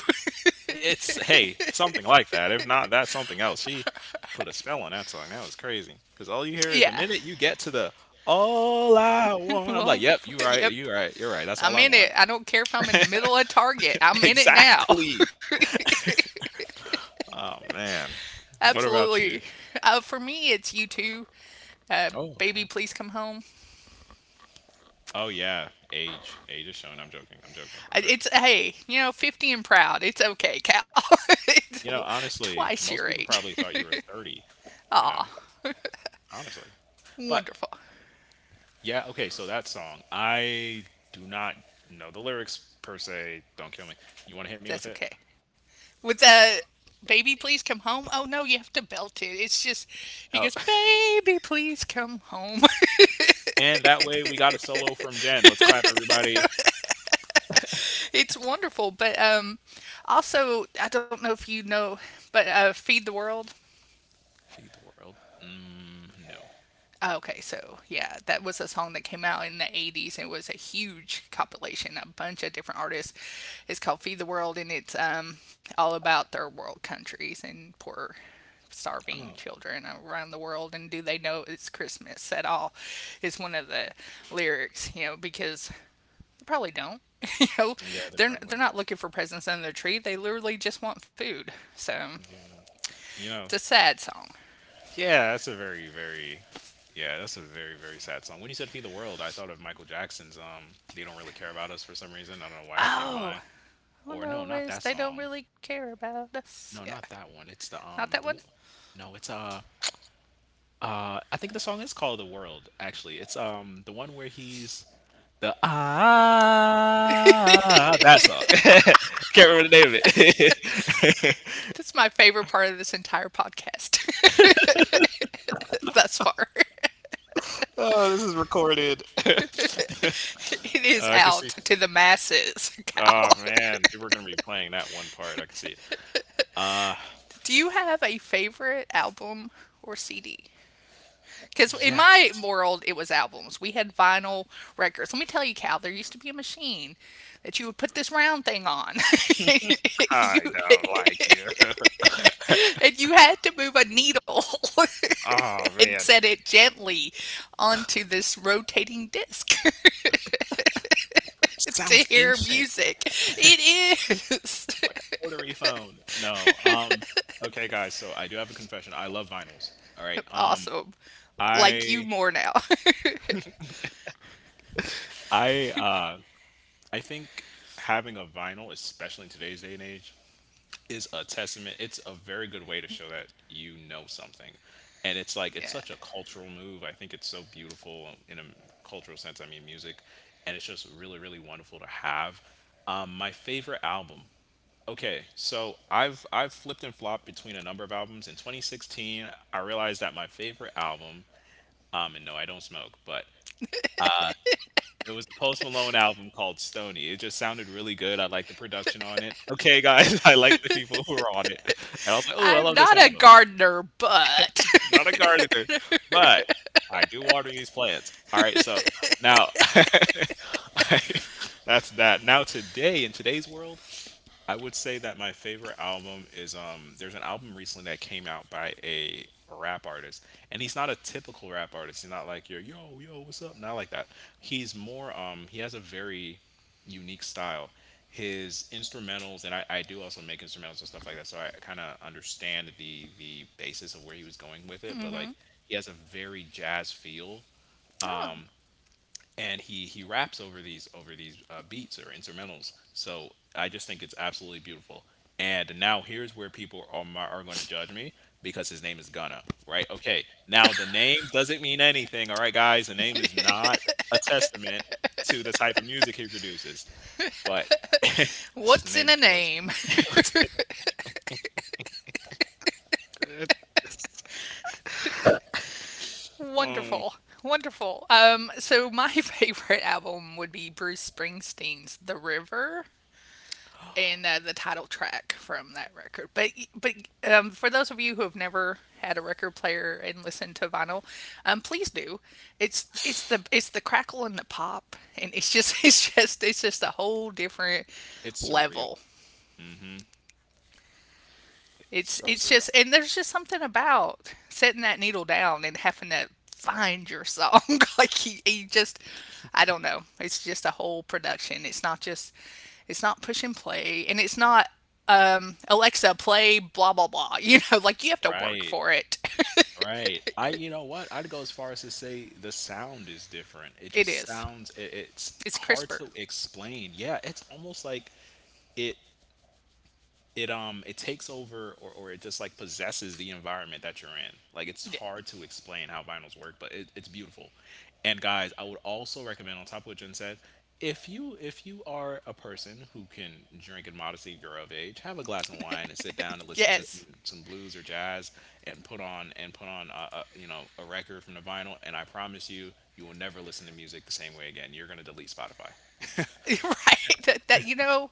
[SPEAKER 2] It's hey, something like that. If not that's something else. She put a spell on that song. That was crazy. Cuz all you hear is
[SPEAKER 1] yeah.
[SPEAKER 2] the minute you get to the all I want. I'm like,
[SPEAKER 1] Well,
[SPEAKER 2] "Yep, you right.
[SPEAKER 1] yep.
[SPEAKER 2] You right. You're right. That's all
[SPEAKER 1] I'm
[SPEAKER 2] I
[SPEAKER 1] in it.
[SPEAKER 2] want."
[SPEAKER 1] I don't care if I'm in the middle of Target. I'm in it now.
[SPEAKER 2] Exactly. Oh man. What about you?
[SPEAKER 1] Absolutely. For me, it's you two. Uh,
[SPEAKER 2] Oh, okay.
[SPEAKER 1] Baby, please come home.
[SPEAKER 2] Oh yeah, age. Age is shown. I'm joking. I'm joking. I'm
[SPEAKER 1] It's
[SPEAKER 2] joking.
[SPEAKER 1] hey, you know, 50 and proud. It's okay, Cal. It's
[SPEAKER 2] You know, honestly,
[SPEAKER 1] twice your
[SPEAKER 2] most people
[SPEAKER 1] age.
[SPEAKER 2] probably thought you were 30, you know,
[SPEAKER 1] Ah,
[SPEAKER 2] honestly. But
[SPEAKER 1] wonderful.
[SPEAKER 2] yeah, okay, so that song, I do not know the lyrics per se. Don't kill me. You want to hit me with it?
[SPEAKER 1] That's okay. With the baby please come home. Oh no, you have to belt it. It's just, he
[SPEAKER 2] Oh,
[SPEAKER 1] goes, "Baby, please come home."
[SPEAKER 2] and that way we got a solo from Jen. Let's clap, everybody.
[SPEAKER 1] it's wonderful, but also, I don't know if you know, but feed the world.
[SPEAKER 2] Feed the world? Mm, no.
[SPEAKER 1] Oh, okay, so yeah, that was a song that came out in the 80s and it was a huge compilation, a bunch of different artists. It's called Feed the World and it's all about third world countries and poor, starving
[SPEAKER 2] Oh,
[SPEAKER 1] children around the world. And do they know it's Christmas at all? Is one of the lyrics, you know, because they probably don't. you know,
[SPEAKER 2] yeah, they're probably.
[SPEAKER 1] they're not looking for presents under the tree, they literally just want food. So
[SPEAKER 2] Yeah, you
[SPEAKER 1] it's a
[SPEAKER 2] know.
[SPEAKER 1] sad song.
[SPEAKER 2] Yeah, that's a very, very. Yeah, that's a very, very sad song. When you said "Feed the World," I thought of Michael Jackson's "They Don't Really Care About Us" for some reason. I don't know why that came to
[SPEAKER 1] Oh,
[SPEAKER 2] mind.
[SPEAKER 1] all I
[SPEAKER 2] Or no,
[SPEAKER 1] know
[SPEAKER 2] not
[SPEAKER 1] is
[SPEAKER 2] that
[SPEAKER 1] they don't
[SPEAKER 2] song.
[SPEAKER 1] really care about us. Yeah,
[SPEAKER 2] No, not that one. It's
[SPEAKER 1] not that one?
[SPEAKER 2] the one- no, it's I think the song is called "The World." Actually, it's the one where he's the ah that song. Can't remember the name of it.
[SPEAKER 1] That's my favorite part of this entire podcast thus far.
[SPEAKER 2] Oh, this is recorded.
[SPEAKER 1] It is
[SPEAKER 2] I can
[SPEAKER 1] out
[SPEAKER 2] see.
[SPEAKER 1] to the masses, Cal.
[SPEAKER 2] Oh man, people are gonna be playing that one part. I can see it. Uh,
[SPEAKER 1] Do you have a favorite album or CD? Because in
[SPEAKER 2] yes,
[SPEAKER 1] my world, it was albums. We had vinyl records. Let me tell you, Cal, there used to be a machine that you would put this round thing on. you,
[SPEAKER 2] I don't like you.
[SPEAKER 1] and you had to move a needle
[SPEAKER 2] Oh
[SPEAKER 1] and
[SPEAKER 2] man,
[SPEAKER 1] set it gently onto this rotating disc. to
[SPEAKER 2] sounds
[SPEAKER 1] hear
[SPEAKER 2] ancient,
[SPEAKER 1] music. It is
[SPEAKER 2] like a rotary phone. No. Okay, guys. So I do have a confession. I love vinyls. All right.
[SPEAKER 1] awesome. Like you
[SPEAKER 2] I
[SPEAKER 1] more now.
[SPEAKER 2] I uh I think having a vinyl, especially in today's day and age, is a testament. It's a very good way to show that you know something. And it's like it's
[SPEAKER 1] yeah.
[SPEAKER 2] such a cultural move. I think it's so beautiful in a cultural sense. I mean music. And it's just really, really wonderful to have. My favorite album. Okay, so I've flipped and flopped between a number of albums. In 2016, I realized that my favorite album, and no, I don't smoke, but uh, it was a Post Malone album called Stoney. It just sounded really good. I liked the production on it. "Okay, guys, I like the people who are on it." And I was like, "Oh, I
[SPEAKER 1] I'm
[SPEAKER 2] love this
[SPEAKER 1] not a
[SPEAKER 2] album.
[SPEAKER 1] gardener, but.
[SPEAKER 2] Not a gardener, but I do water these plants." Alright, so now I, that's that. Now today, in today's world, I would say that my favorite album is there's an album recently that came out by a rap artist and he's not a typical rap artist. He's not like your yo yo what's up? Not like that. He's more he has a very unique style. His instrumentals and I do also make instrumentals and stuff like that. So I kind of understand the basis of where he was going with
[SPEAKER 1] mm
[SPEAKER 2] it, but
[SPEAKER 1] hmm.
[SPEAKER 2] like he has a very jazz feel.
[SPEAKER 1] Oh.
[SPEAKER 2] Um, and he raps over these beats or instrumentals. So I just think it's absolutely beautiful. And now here's where people are are going to judge me because his name is Gunna, right? Okay, now the name doesn't mean anything, all right, guys. The name is not a testament to the type of music he produces, but it's just the
[SPEAKER 1] What's in
[SPEAKER 2] name
[SPEAKER 1] a
[SPEAKER 2] shows.
[SPEAKER 1] name?
[SPEAKER 2] it's, it- Oh,
[SPEAKER 1] wonderful. Wonderful. So my favorite album would be Bruce Springsteen's The River. And The title track from that record. But For those of you who have never had a record player and listened to vinyl, please do. It's the crackle and the pop, and it's just it's just a whole different
[SPEAKER 2] it's surreal.
[SPEAKER 1] level.
[SPEAKER 2] Hmm. It's
[SPEAKER 1] it's
[SPEAKER 2] so
[SPEAKER 1] it's
[SPEAKER 2] surreal,
[SPEAKER 1] just, and there's just something about setting that needle down and having to find your song. Like you just, I don't know. It's just a whole production. It's not just, it's not push and play, and it's not Alexa play blah blah blah. You know, like you have to work
[SPEAKER 2] right?
[SPEAKER 1] for it.
[SPEAKER 2] Right. I you know what? I'd go as far as to say the sound is different. It
[SPEAKER 1] It
[SPEAKER 2] just
[SPEAKER 1] is.
[SPEAKER 2] sounds it, it's
[SPEAKER 1] It's
[SPEAKER 2] hard
[SPEAKER 1] crisper.
[SPEAKER 2] to explain. Yeah, it's almost like it it takes over or it just like possesses the environment that you're in. Like it's hard to explain how vinyls work, but it, it's beautiful. And guys, I would also recommend, on top of what Jen said, if you are a person who can drink in modesty, you're of age, have a glass of wine and sit down and listen to
[SPEAKER 1] Yes.
[SPEAKER 2] some blues or jazz, and put on a you know a record from the vinyl, and I promise you you will never listen to music the same way again. You're going to delete Spotify.
[SPEAKER 1] Right, that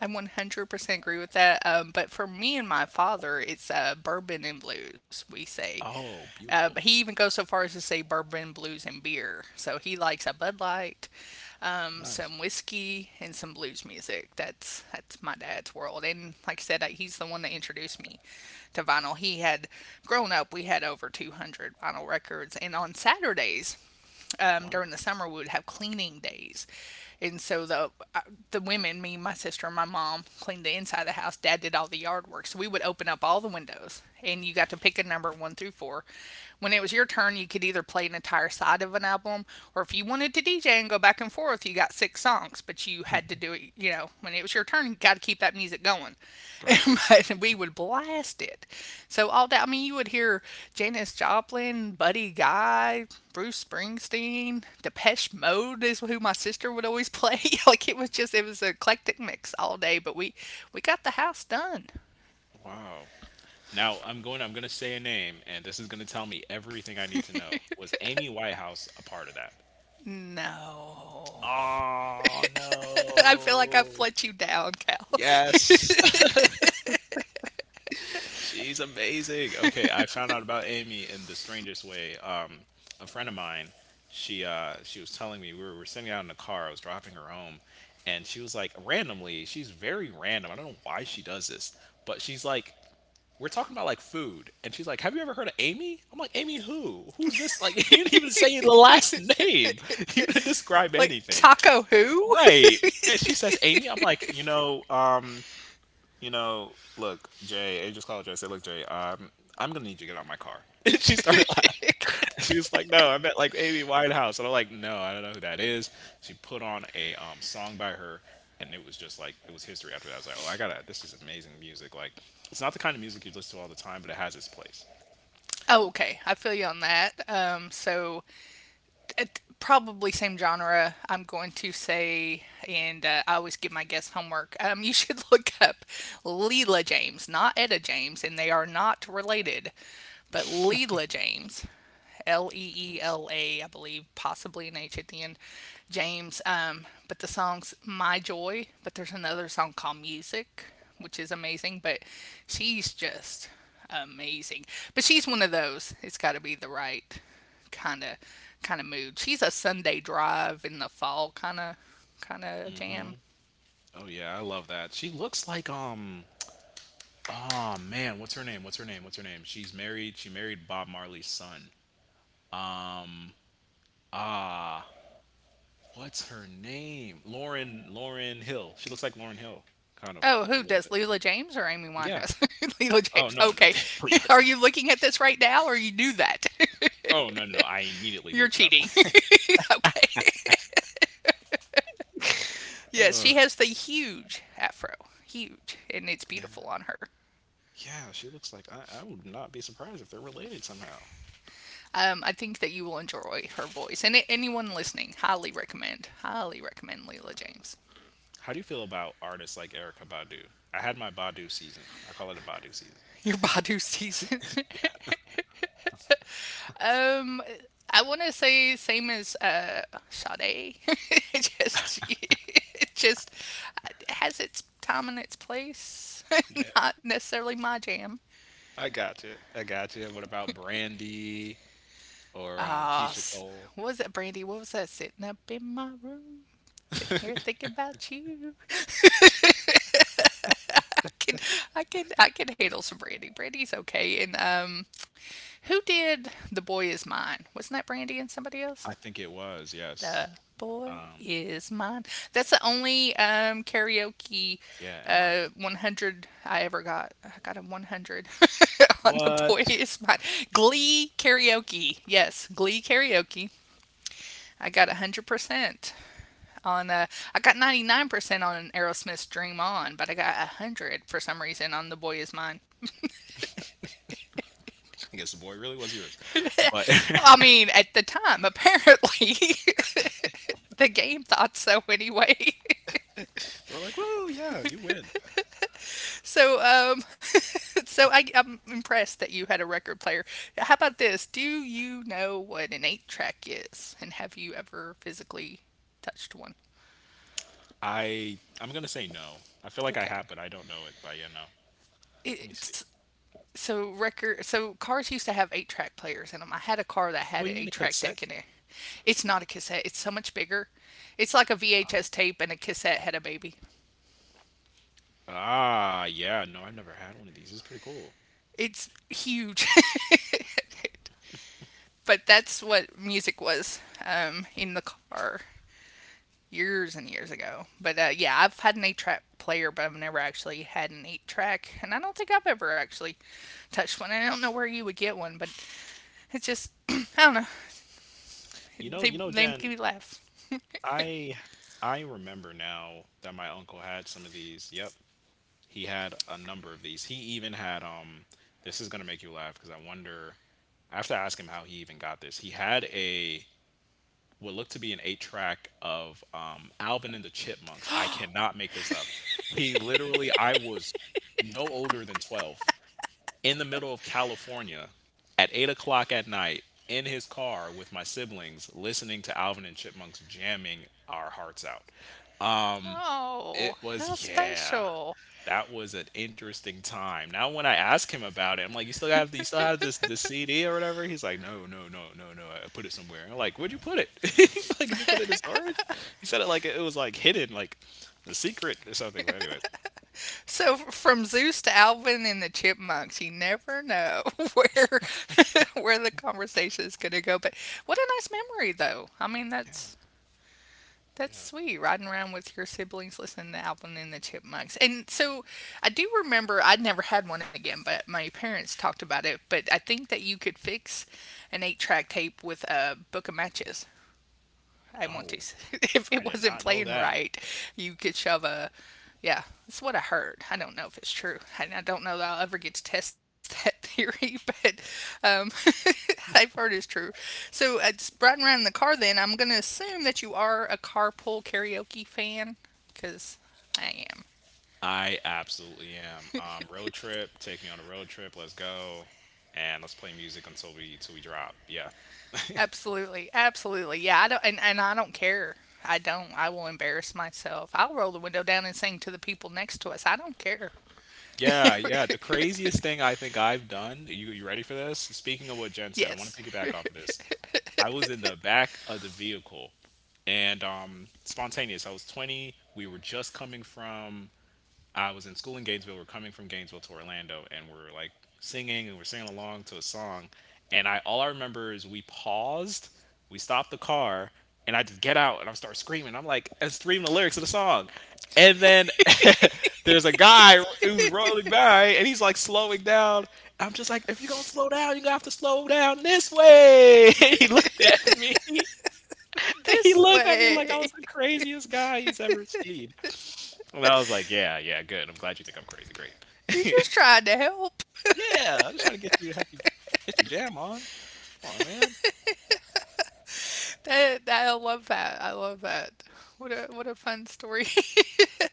[SPEAKER 1] I 100% agree with that. But for me and my father it's bourbon and blues, we say.
[SPEAKER 2] Oh
[SPEAKER 1] But
[SPEAKER 2] beautiful.
[SPEAKER 1] he even goes so far as to say bourbon, blues, and beer, so he likes a Bud Light,
[SPEAKER 2] Nice.
[SPEAKER 1] some whiskey, and some blues music. That's my dad's world. And like I said, he's the one that introduced me to vinyl. He had, grown up we had over 200 vinyl records, and on Saturdays,
[SPEAKER 2] Wow.
[SPEAKER 1] during the summer, we would have cleaning days. And so the women, me, my sister, and my mom, cleaned the inside of the house. Dad did all the yard work. So we would open up all the windows, and you got to pick a number one through four. When it was your turn, you could either play an entire side of an album, or if you wanted to DJ and go back and forth, you got six songs, but you had to do it. You know, when it was your turn, you got to keep that music going.
[SPEAKER 2] Right.
[SPEAKER 1] But we would blast it. So all that, I mean, you would hear Janis Joplin, Buddy Guy, Bruce Springsteen, Depeche Mode is who my sister would always play. Like it was just, it was an eclectic mix all day, but we got the house done.
[SPEAKER 2] Wow. Now I'm going. I'm going to say a name, and this is going to tell me everything I need to know. Was Amy Whitehouse a part of that?
[SPEAKER 1] No.
[SPEAKER 2] Oh
[SPEAKER 1] I feel like I've
[SPEAKER 2] no!
[SPEAKER 1] let you down, Cal.
[SPEAKER 2] Yes, she's amazing. Okay, I found out about Amy in the strangest way. A friend of mine, she was telling me we were sitting out in the car. I was dropping her home, and she was like, randomly, she's very random. I don't know why she does this, but she's like, we're talking about like food, and she's like, have you ever heard of Amy? I'm like, Amy who? Who's this? Like, you didn't even say the last name. You didn't describe
[SPEAKER 1] Like
[SPEAKER 2] anything.
[SPEAKER 1] Taco Who?
[SPEAKER 2] Right. And she says Amy. I'm like, look, Jay. I just called Jay. I said, look, Jay, I'm gonna need you to get out of my car. And she started laughing. She was like, no, I met like Amy Winehouse. And I'm like, no, I don't know who that is. She put on a song by her, and it was just like it was history after that. I was like, oh, I gotta this is amazing music. Like, it's not the kind of music you listen to all the time, but it has its place.
[SPEAKER 1] Oh, okay. I feel you on that. So it, probably same genre. I'm going to say, and I always give my guests homework. You should look up Leela James, not Etta James, and they are not related. But Leela James, L E
[SPEAKER 2] Let
[SPEAKER 1] E L A, I believe, possibly an H at the end. James. But the song's My Joy. But there's another song called Music, which is amazing. But she's just amazing. But she's one of those. It's got to be the right kind of kind of mood. She's a Sunday drive in the fall kind of
[SPEAKER 2] me see.
[SPEAKER 1] jam.
[SPEAKER 2] Oh yeah, I love that. She looks like oh man, what's her name? What's her name? What's her name? She's married. She married Bob Marley's son. Um ah What's her name? Lauren Hill. She looks like Lauren Hill, kind of
[SPEAKER 1] Oh,
[SPEAKER 2] a
[SPEAKER 1] who
[SPEAKER 2] little
[SPEAKER 1] does,
[SPEAKER 2] bit.
[SPEAKER 1] Leela James or Amy
[SPEAKER 2] Yeah.
[SPEAKER 1] Winehouse? Leela
[SPEAKER 2] Oh
[SPEAKER 1] James.
[SPEAKER 2] no, no,
[SPEAKER 1] Okay. Are
[SPEAKER 2] completely.
[SPEAKER 1] you looking at this right now, or you knew that?
[SPEAKER 2] Oh no, no, no. I immediately
[SPEAKER 1] You're
[SPEAKER 2] looked it up.
[SPEAKER 1] cheating. Okay. Yes,
[SPEAKER 2] Uh,
[SPEAKER 1] she has the huge afro. Huge. And it's
[SPEAKER 2] yeah,
[SPEAKER 1] beautiful on her.
[SPEAKER 2] yeah. She looks like I would not be surprised if they're related somehow.
[SPEAKER 1] I think that you will enjoy her voice. And anyone listening, highly recommend. Highly recommend Leela James.
[SPEAKER 2] How do you feel about artists like Erica Badu? I had my Badu season. I call it a Badu season.
[SPEAKER 1] Your Badu season.
[SPEAKER 2] Yeah,
[SPEAKER 1] Um, I want to say same as Sade. Just, it just has its time and its place.
[SPEAKER 2] yeah.
[SPEAKER 1] Not necessarily my jam.
[SPEAKER 2] I got you. I got you. What about Brandy or
[SPEAKER 1] Ah,
[SPEAKER 2] Keisha
[SPEAKER 1] s
[SPEAKER 2] Cole?
[SPEAKER 1] What was that, Brandy? What was that? Sitting up in my room, sitting here thinking about you. I can, I can handle some Brandy. Brandy's okay. And who did "The Boy Is Mine"? Wasn't that Brandy and somebody else?
[SPEAKER 2] I think it was yes.
[SPEAKER 1] The boy
[SPEAKER 2] Um,
[SPEAKER 1] is mine. That's the only karaoke
[SPEAKER 2] yeah, and Monica.
[SPEAKER 1] 100 I ever got. I got a 100 on The
[SPEAKER 2] What?
[SPEAKER 1] Boy Is Mine. Glee karaoke. Yes, Glee karaoke. I got 100% on, I got 99% on Aerosmith's Dream On, but I got 100 for some reason on The Boy Is Mine.
[SPEAKER 2] I guess the boy really was yours. But
[SPEAKER 1] I
[SPEAKER 2] they
[SPEAKER 1] mean, at the time, apparently, the game thought so anyway.
[SPEAKER 2] were like, "Whoa, yeah, you win."
[SPEAKER 1] So, so I, I'm impressed that you had a record player. How about this? Do you know what an eight track is, and have you ever physically touched one?
[SPEAKER 2] I'm gonna say no. I feel like I
[SPEAKER 1] Okay,
[SPEAKER 2] have, but I don't know it. But yeah, no. Let me see.
[SPEAKER 1] it's, so record. So cars used to have eight track players in them. I had a car that had
[SPEAKER 2] Oh,
[SPEAKER 1] an
[SPEAKER 2] you mean
[SPEAKER 1] eight
[SPEAKER 2] a
[SPEAKER 1] track deck
[SPEAKER 2] cassette?
[SPEAKER 1] in it. It's not a cassette. It's so much bigger. It's like a
[SPEAKER 2] Um,
[SPEAKER 1] VHS tape and a cassette had a baby.
[SPEAKER 2] yeah. No, I've never had one of these. It's pretty cool.
[SPEAKER 1] It's huge. But that's what music was, in the car, years and years ago. But yeah, I've had an eight track player, but I've never actually had an eight track, and I don't think I've ever actually touched one. I don't know where you would get one, but it's just I don't know.
[SPEAKER 2] You know,
[SPEAKER 1] They make
[SPEAKER 2] Jen.
[SPEAKER 1] me laugh.
[SPEAKER 2] I I remember now that my uncle had some of these. Yep, he had a number of these. He even had This is gonna make you laugh because I wonder. I have to ask him how he even got this. He had a what looked to be an eight track of Alvin and the Chipmunks. I cannot make this up. He literally, I was no older than 12 in the middle of California at 8 o'clock at night in his car with my siblings listening to Alvin and Chipmunks jamming our hearts out. Um,
[SPEAKER 1] Oh,
[SPEAKER 2] it
[SPEAKER 1] how
[SPEAKER 2] was, yeah.
[SPEAKER 1] special!
[SPEAKER 2] That was an interesting time. Now when I ask him about it, I'm like, "You still have this the CD or whatever?" He's like, "No, no, no, no, no. I put it somewhere." I'm like, "Where'd you put it?" Like, "Did you put it in storage?" He said it like it was like hidden, like the secret or something. But anyways,
[SPEAKER 1] So from Zeus to Alvin and the Chipmunks, you never know where where the conversation is going to go. But what a nice memory, though. I mean,
[SPEAKER 2] yeah,
[SPEAKER 1] that's
[SPEAKER 2] yeah.
[SPEAKER 1] sweet, riding around with your siblings listening to Alvin and the Chipmunks. And so I do remember, I'd never had one again, but my parents talked about it. But I think that you could fix an eight track tape with a book of matches. I want to.
[SPEAKER 2] Oh,
[SPEAKER 1] If
[SPEAKER 2] I
[SPEAKER 1] it
[SPEAKER 2] did
[SPEAKER 1] wasn't
[SPEAKER 2] not know
[SPEAKER 1] playing
[SPEAKER 2] that.
[SPEAKER 1] right, you could shove a. Yeah, that's what I heard. I don't know if it's true, and I don't know that I'll ever get to test that theory, but um, I've heard it's true. So, just riding around in the car, then I'm gonna assume that you are a carpool karaoke fan, because I am.
[SPEAKER 2] I absolutely am. Road trip, take me on a road trip. Let's go, and let's play music until we till we drop. Yeah.
[SPEAKER 1] Absolutely, absolutely. Yeah, I don't, and I don't care. I don't. I will embarrass myself. I'll roll the window down and sing to the people next to us. I don't care.
[SPEAKER 2] Yeah, yeah. The craziest thing I think I've done, you ready for this? Speaking of what Jen said, I want to
[SPEAKER 1] Yes.
[SPEAKER 2] piggyback off of this. I was in the back of the vehicle, and spontaneous. I was 20. We were just coming from I was in school in Gainesville. We're coming from Gainesville to Orlando, and we're singing along to a song. And I all I remember is we paused, we stopped the car, and I just get out and I start screaming. I'm like, I'm screaming the lyrics of the song. And then there's a guy who's rolling by, and he's like slowing down. I'm just like, if you're gonna slow down, you're gonna have to slow down this way. And he looked at me. He
[SPEAKER 1] This
[SPEAKER 2] looked at me like I
[SPEAKER 1] way.
[SPEAKER 2] was the craziest guy he's ever seen. And I was like, "Yeah, yeah, good. I'm glad you think I'm crazy. Great."
[SPEAKER 1] You're just trying to help.
[SPEAKER 2] Yeah, I'm just trying to help you get your jam on. Come on, man.
[SPEAKER 1] That, that- I love that. I love that. What a fun story.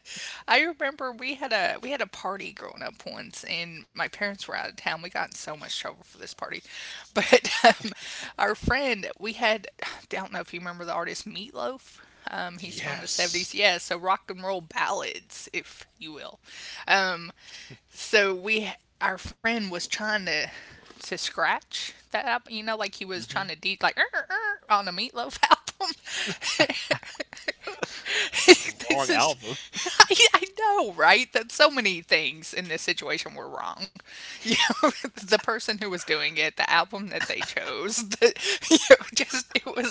[SPEAKER 1] I remember we had, a we had a party growing up once, and my parents were out of town. We got in so much trouble for this party,
[SPEAKER 2] Oh,
[SPEAKER 1] but our friend, we had, I don't know if you remember the artist Meatloaf. He's from the
[SPEAKER 2] yes.
[SPEAKER 1] 70s. Yeah, so rock and roll ballads, if you will. Um, So we, our friend was trying to scratch that up, you know, like he was trying
[SPEAKER 2] Hmm.
[SPEAKER 1] to de, like on a Meatloaf album.
[SPEAKER 2] That's the
[SPEAKER 1] This
[SPEAKER 2] wrong
[SPEAKER 1] is,
[SPEAKER 2] album.
[SPEAKER 1] I know, right? That, so many things in this situation were wrong. You know, the person who was doing it, the album that they chose, the, you know, just it was,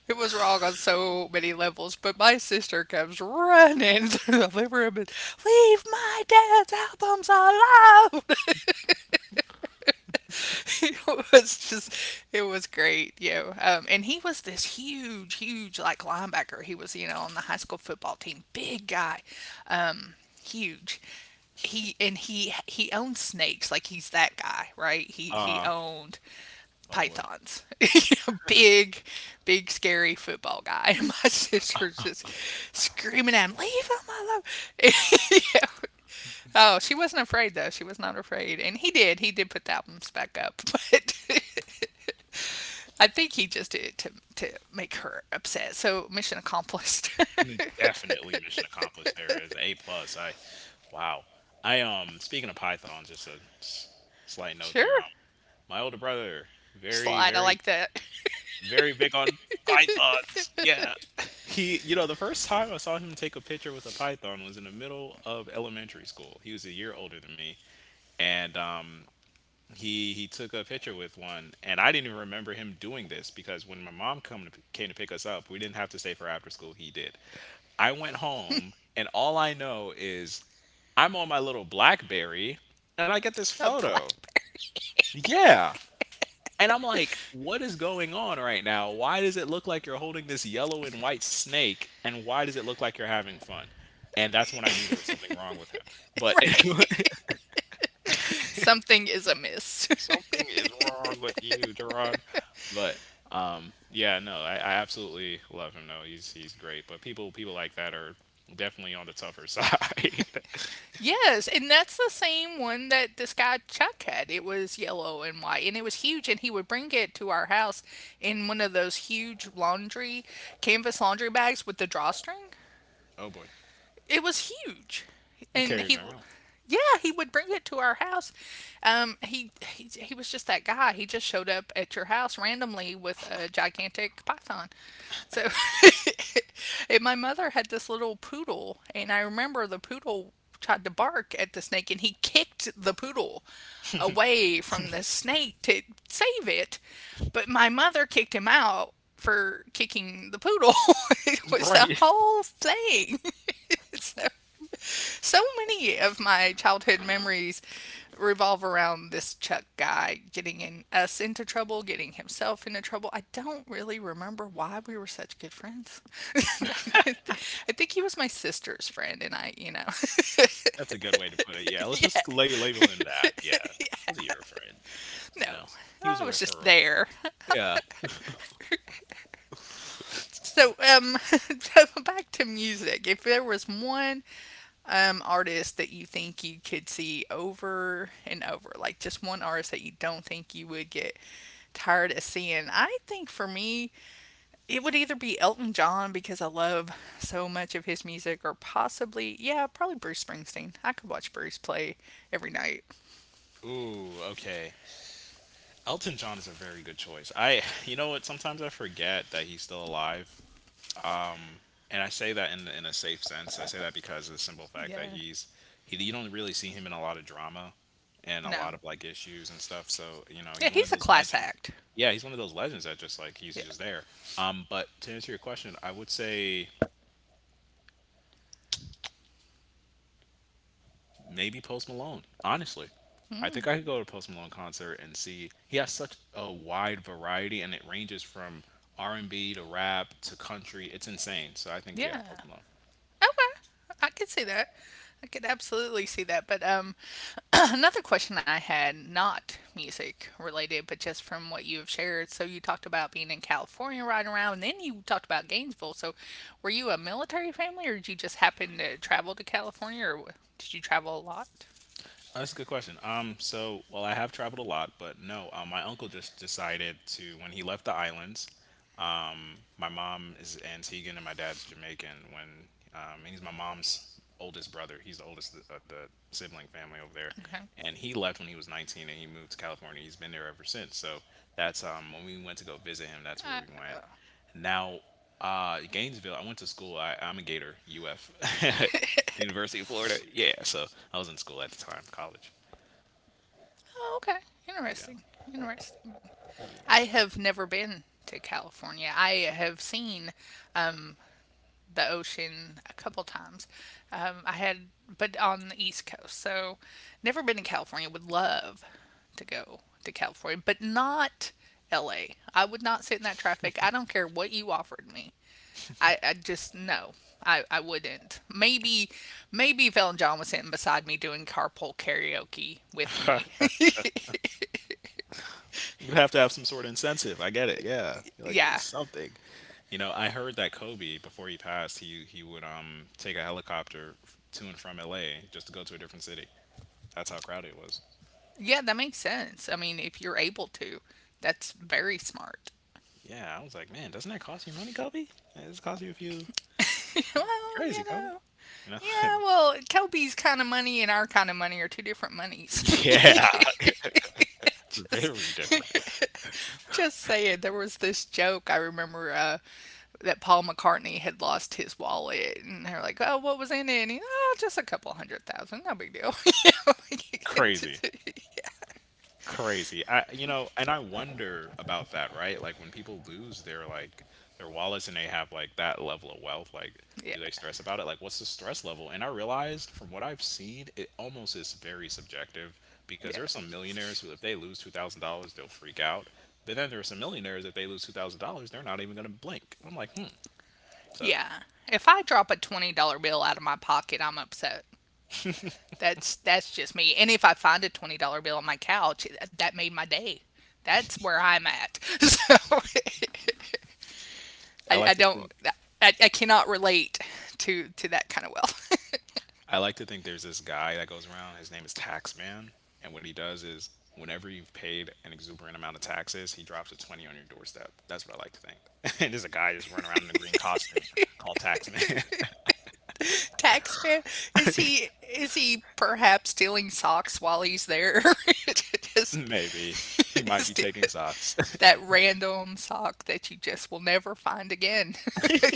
[SPEAKER 1] it was wrong on so many levels. But my sister comes running through the living room and, leave my dad's albums alone. it was just, it was great. You know, and he was this huge, huge, like, linebacker. He was, you know, on the high school football team, big guy, um, huge. He owned snakes, like he's that guy, right? He
[SPEAKER 2] Uh,
[SPEAKER 1] owned
[SPEAKER 2] oh boy.
[SPEAKER 1] pythons. Big, big scary football guy. And my sister's just screaming at him, leave him alone. You know, oh, she wasn't afraid though. She was not afraid, and he did. He did put the albums back up, but I think he just did it to make her upset. So mission accomplished.
[SPEAKER 2] Definitely mission accomplished. There is a plus. Wow. I. Speaking of pythons, just a slight note there.
[SPEAKER 1] Sure,
[SPEAKER 2] My older brother, very,
[SPEAKER 1] slide. I like
[SPEAKER 2] very,
[SPEAKER 1] that.
[SPEAKER 2] very big on pythons. Yeah. The first time I saw him take a picture with a python was in the middle of elementary school. He was a year older than me, and he took a picture with one, and I didn't even remember him doing this because when my mom came to pick us up, we didn't have to stay for after school. He did. I went home, and all I know is I'm on my little BlackBerry, and I get this
[SPEAKER 1] A
[SPEAKER 2] photo.
[SPEAKER 1] Blackberry,
[SPEAKER 2] Yeah. And I'm like, what is going on right now? Why does it look like you're holding this yellow and white snake? And why does it look like you're having fun? And that's when I knew there was something wrong with him. But
[SPEAKER 1] right? Something is amiss.
[SPEAKER 2] something is wrong with you, Gerard. But yeah, no, I absolutely love him. No, he's great. But people like that are definitely on the tougher side.
[SPEAKER 1] Yes, and that's the same one that this guy Chuck had. It was yellow and white, and it was huge. And he would bring it to our house in one of those huge laundry, canvas laundry bags with the drawstring.
[SPEAKER 2] Oh boy,
[SPEAKER 1] It was huge, and he,
[SPEAKER 2] carried around.
[SPEAKER 1] yeah, he would bring it to our house. He was just that guy. He just showed up at your house randomly with a gigantic python. So, and my mother had this little poodle, and I remember the poodle tried to bark at the snake, and he kicked the poodle away from the snake to save it. But my mother kicked him out for kicking the poodle. It was the whole thing. So, so many of my childhood memories revolve around this Chuck guy, getting in, us into trouble, getting himself into trouble. I don't really remember why we were such good friends. I think he was my sister's friend, and I, you know,
[SPEAKER 2] That's a good way to put it. Yeah, let's
[SPEAKER 1] yeah,
[SPEAKER 2] just label him that. Yeah, was he your friend?
[SPEAKER 1] no,
[SPEAKER 2] You know, he
[SPEAKER 1] I
[SPEAKER 2] was a
[SPEAKER 1] was just
[SPEAKER 2] referral.
[SPEAKER 1] there.
[SPEAKER 2] Yeah. That's
[SPEAKER 1] so
[SPEAKER 2] funny.
[SPEAKER 1] um so back to music, if there was one artist that you think you could see over and over, like just one artist that you don't think you would get tired of seeing. I think for me, it would either be Elton John because I love so much of his music, or possibly, yeah, probably Bruce Springsteen. I could watch Bruce play every night.
[SPEAKER 2] Ooh, okay. Elton John is a very good choice. You know what? Sometimes I forget that he's still alive. Um, and I say that in a safe sense. I say that because of the simple fact that
[SPEAKER 1] Yeah,
[SPEAKER 2] he's he. You don't really see him in a lot of drama and a
[SPEAKER 1] no,
[SPEAKER 2] lot of like issues and stuff. So you know,
[SPEAKER 1] yeah,
[SPEAKER 2] he's one of
[SPEAKER 1] he's a
[SPEAKER 2] those
[SPEAKER 1] class
[SPEAKER 2] legends.
[SPEAKER 1] act.
[SPEAKER 2] Yeah, he's one of those legends that just like he's
[SPEAKER 1] Yeah.
[SPEAKER 2] just there. But to answer your question, I would say maybe Post Malone. Honestly, I
[SPEAKER 1] Mm,
[SPEAKER 2] think I could go to a Post Malone concert and see. He has such a wide variety, and it ranges from R&B to rap to country. It's insane. So I think yeah,
[SPEAKER 1] yeah.
[SPEAKER 2] Post Malone.
[SPEAKER 1] Okay, I could see that. I could absolutely see that. But another question I had, not music related, but just from what you have shared. So you talked about being in California riding around, and then you talked about Gainesville. So were you a military family, or did you just happen to travel to California, or did you travel a lot?
[SPEAKER 2] That's a good question. So well, I have traveled a lot, but no, my uncle just decided to when he left the islands. My mom is Antiguan and my dad's Jamaican. When he's my mom's oldest brother, he's the oldest of the sibling family over there.
[SPEAKER 1] Okay.
[SPEAKER 2] And he left when he was 19, and he moved to California. He's been there ever since. So that's when we went to go visit him. That's where
[SPEAKER 1] Uh,
[SPEAKER 2] we went. Now, Gainesville. I went to school. I'm a Gator, UF, University of Florida. Yeah. So I was in school at the time, college.
[SPEAKER 1] oh, okay.
[SPEAKER 2] Yeah.
[SPEAKER 1] Interesting. Interesting. I have never been to California. I have seen um, the ocean a couple times. Um, I had, but on the East Coast. So never been to California. Would love to go to California, but not LA. I would not sit in that traffic. I don't care what you offered me. I just, no, I wouldn't. Maybe if Ellen John was sitting beside me doing carpool karaoke with me.
[SPEAKER 2] Yeah. Would have to have some sort of incentive. I get it. Yeah, like
[SPEAKER 1] Yeah.
[SPEAKER 2] something. You know, I heard that Kobe before he passed, he would take a helicopter to and from L.A. just to go to a different city. That's how crowded it was.
[SPEAKER 1] Yeah, that makes sense. I mean, if you're able to, that's very smart.
[SPEAKER 2] Yeah, I was like, man, doesn't that cost you money, Kobe? It's cost you a few.
[SPEAKER 1] well,
[SPEAKER 2] Crazy,
[SPEAKER 1] you
[SPEAKER 2] Kobe.
[SPEAKER 1] know.
[SPEAKER 2] You know.
[SPEAKER 1] Yeah, well, Toby's kind of money and our kind of money are two different monies.
[SPEAKER 2] Yeah,
[SPEAKER 1] just,
[SPEAKER 2] very different.
[SPEAKER 1] just saying, there was this joke I remember that Paul McCartney had lost his wallet, and they're like, "Oh, what was in it?" And he, "Oh, just a couple hundred thousand, no big deal." Yeah,
[SPEAKER 2] Crazy. Crazy. And I wonder about that, right? Like when people lose their like their wallets and they have like that level of wealth, like
[SPEAKER 1] yeah,
[SPEAKER 2] do they stress about it? Like what's the stress level? And I realized from what I've seen, it almost is very subjective because there are some
[SPEAKER 1] yeah,
[SPEAKER 2] millionaires who if they lose $2,000, they'll freak out. But then there are some millionaires if they lose $2,000, they're not even gonna blink. I'm like, hmm. So
[SPEAKER 1] yeah. If I drop a $20 bill out of my pocket, I'm upset. That's just me. And if I find a $20 bill on my couch, that made my day. That's where I'm at. So
[SPEAKER 2] I
[SPEAKER 1] I
[SPEAKER 2] like to
[SPEAKER 1] don't.
[SPEAKER 2] think
[SPEAKER 1] I cannot relate to that kind of wealth.
[SPEAKER 2] I like to think there's this guy that goes around. His name is Taxman, and what he does is whenever you've paid an exuberant amount of taxes, he drops a 20 on your doorstep. That's what I like to think. And there's a guy just running around in a green costume called Taxman.
[SPEAKER 1] Taxman, is he perhaps stealing socks while he's there? just
[SPEAKER 2] Maybe he might be
[SPEAKER 1] steal- it.
[SPEAKER 2] taking socks.
[SPEAKER 1] That random sock that you just will never find again.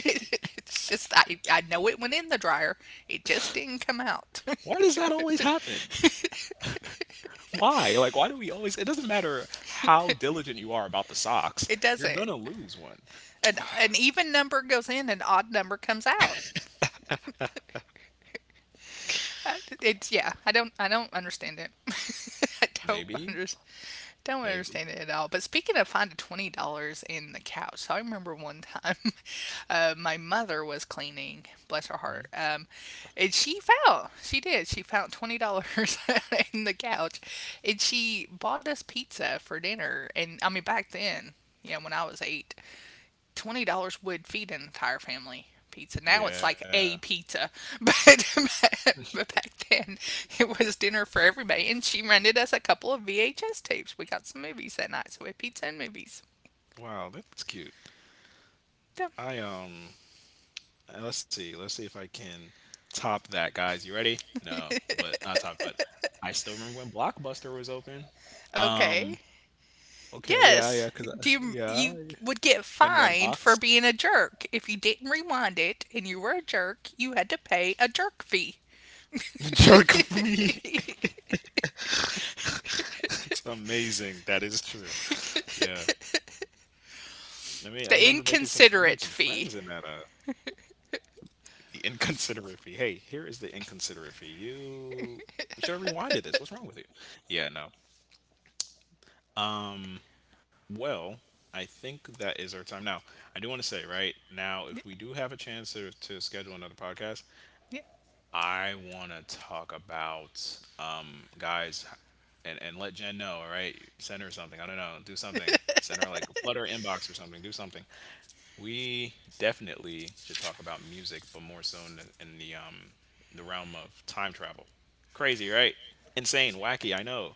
[SPEAKER 1] It's just I know it went in the dryer. It just didn't come out.
[SPEAKER 2] Why does that always happen? Why? Like, why do we always? It doesn't matter how diligent you are about the socks,
[SPEAKER 1] It
[SPEAKER 2] you're
[SPEAKER 1] doesn't.
[SPEAKER 2] gonna lose one.
[SPEAKER 1] An even number goes in, an odd number comes out. Uh, It's yeah. I don't understand it. I don't under,
[SPEAKER 2] Maybe,
[SPEAKER 1] don't understand
[SPEAKER 2] maybe.
[SPEAKER 1] it at all. But speaking of finding $20 in the couch, so I remember one time, my mother was cleaning, bless her heart,
[SPEAKER 2] Mm-hmm.
[SPEAKER 1] and she found $20 in the couch, and she bought us pizza for dinner. And I mean back then, yeah, when I was 8 $20 would feed an entire family pizza. Now it's like
[SPEAKER 2] Yeah.
[SPEAKER 1] a pizza, but but back then it was dinner for everybody. And she rented us a couple of VHS tapes. We got some movies that night, so we had pizza and movies.
[SPEAKER 2] Wow, that's cute. I Let's see. Let's see if I can top that, guys. You ready? No, but not top. But I still remember when Blockbuster was open. Um.
[SPEAKER 1] Okay.
[SPEAKER 2] Okay. Yeah.
[SPEAKER 1] Yes.
[SPEAKER 2] Yeah.
[SPEAKER 1] Do you
[SPEAKER 2] Yeah.
[SPEAKER 1] you would get
[SPEAKER 2] And
[SPEAKER 1] fined
[SPEAKER 2] Redbox.
[SPEAKER 1] for being a jerk if you didn't rewind it and you were a jerk. You had to pay a jerk fee,
[SPEAKER 2] The joke of me. It's amazing. That is true. Yeah. I mean, I remember
[SPEAKER 1] the
[SPEAKER 2] making some. I made some
[SPEAKER 1] inconsiderate
[SPEAKER 2] friends in
[SPEAKER 1] fee.
[SPEAKER 2] that. The inconsiderate fee. Hey, here is the inconsiderate fee. You. You should have rewinded this. What's wrong with you? Yeah. No. Um, well, I think that is our time now. I do want to say right now, if we do have a chance to schedule another podcast, I want to talk about guys, and let Jen know. All right, send her something. I don't know, do something. Send her like flood her inbox or something. Do something. We definitely should talk about music, but more so in the realm of time travel. Crazy, right? Insane, wacky. I know.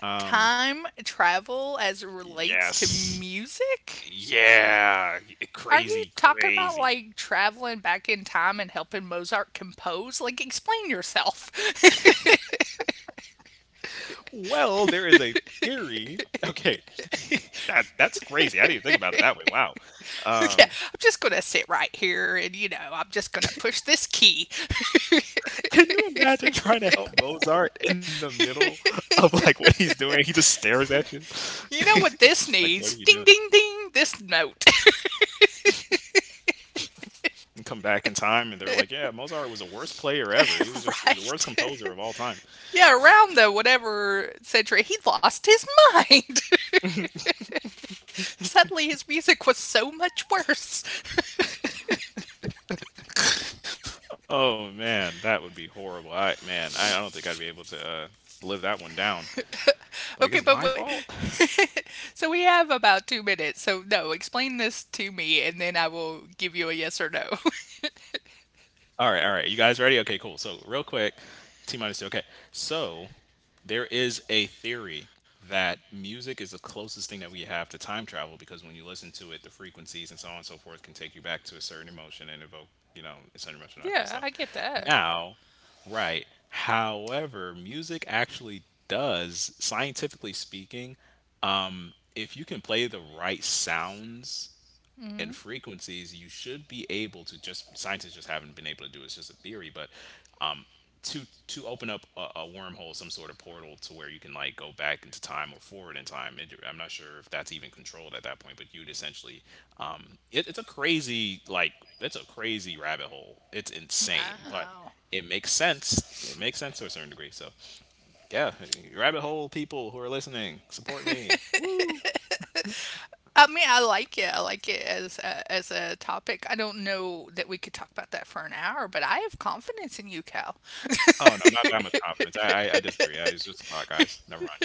[SPEAKER 2] Um,
[SPEAKER 1] Time travel as it relates to
[SPEAKER 2] yes.
[SPEAKER 1] music?
[SPEAKER 2] Yeah,
[SPEAKER 1] Are you
[SPEAKER 2] crazy,
[SPEAKER 1] talking about
[SPEAKER 2] crazy.
[SPEAKER 1] like traveling back in time and helping Mozart compose? Like, explain yourself.
[SPEAKER 2] Well, there is a
[SPEAKER 1] Yeah,
[SPEAKER 2] theory. Okay, that's crazy. I didn't even think about it that way. Wow.
[SPEAKER 1] I'm
[SPEAKER 2] Um,
[SPEAKER 1] just gonna sit right here and I'm just gonna push this key.
[SPEAKER 2] can you imagine trying to help Mozart in the middle of like what he's doing? He just stares at you.
[SPEAKER 1] You know what this
[SPEAKER 2] Like, what are you
[SPEAKER 1] needs?
[SPEAKER 2] doing?
[SPEAKER 1] Ding, ding, ding, this note.
[SPEAKER 2] And come back in time, and they're like, "Yeah, Mozart was the worst player ever. He was just the worst
[SPEAKER 1] Right.
[SPEAKER 2] composer of all time."
[SPEAKER 1] Yeah, around the whatever century, he lost his mind. Suddenly, his music was so much worse.
[SPEAKER 2] Oh man, that would be horrible. I don't think I'd be able to live that one down. Like, it's
[SPEAKER 1] Okay,
[SPEAKER 2] my
[SPEAKER 1] but wait.
[SPEAKER 2] fault.
[SPEAKER 1] So we have about 2 minutes. So no, explain this to me, and then I will give you a yes or no.
[SPEAKER 2] All right, all right. You guys ready? Okay, cool. So, real quick, T minus two. Okay. So, there is a theory that music is the closest thing that we have to time travel because when you listen to it, the frequencies and so on and so forth can take you back to a certain emotion and evoke, a certain emotion, all that cool
[SPEAKER 1] Yeah, I
[SPEAKER 2] stuff.
[SPEAKER 1] get that.
[SPEAKER 2] Now, right. However, music actually does, scientifically speaking, if you can play the right sounds
[SPEAKER 1] Hmm.
[SPEAKER 2] and frequencies, you should be able to just scientists just haven't been able to do it. It's just a theory, but um, to to open up a wormhole, some sort of portal to where you can like go back into time or forward in time. And I'm not sure if that's even controlled at that point, but you'd essentially it's a crazy like it's a crazy rabbit hole. It's insane, but
[SPEAKER 1] Wow.
[SPEAKER 2] it makes sense. It makes sense to a certain degree. So yeah, rabbit hole people who are listening, support me.
[SPEAKER 1] I mean, I like it. I like it as a topic. I don't know that we could talk about that for an hour, but I have confidence in you, Cal.
[SPEAKER 2] Oh no, not that much confidence. I disagree. It's just a thought, guys. Never mind.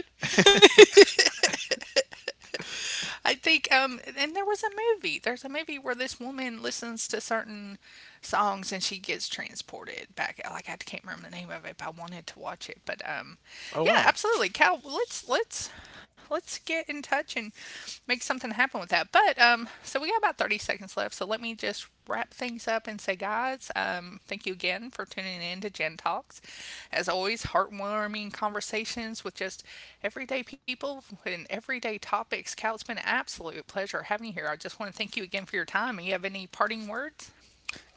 [SPEAKER 1] I think and there was a movie. There's a movie where this woman listens to certain songs and she gets transported back. Like I can't remember the name of it, but I wanted to watch it. But
[SPEAKER 2] Oh
[SPEAKER 1] yeah,
[SPEAKER 2] wow.
[SPEAKER 1] absolutely. Cal, let's get in touch and make something happen with that. But so we got about 30 seconds left, so let me just wrap things up and say, guys, thank you again for tuning in to Gen Talks. As always, heartwarming conversations with just everyday people and everyday topics. Cal, it's been an absolute pleasure having you here. I just want to thank you again for your time. You have any parting words?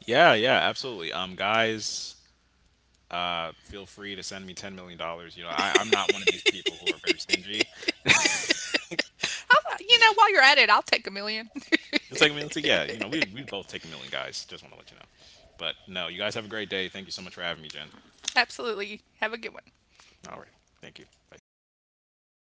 [SPEAKER 2] Yeah, yeah, absolutely. Guys, feel free to send me $10 million. You know, I'm not one of these people who are very stingy.
[SPEAKER 1] I'll, you know, while you're at it, I'll take a million.
[SPEAKER 2] It's like, I mean, it's like, yeah, we both take a million, guys. Just want to let you know. But no, you guys have a great day. Thank you so much for having me, Jen.
[SPEAKER 1] Absolutely. Have a good one.
[SPEAKER 2] All right, thank you. Bye.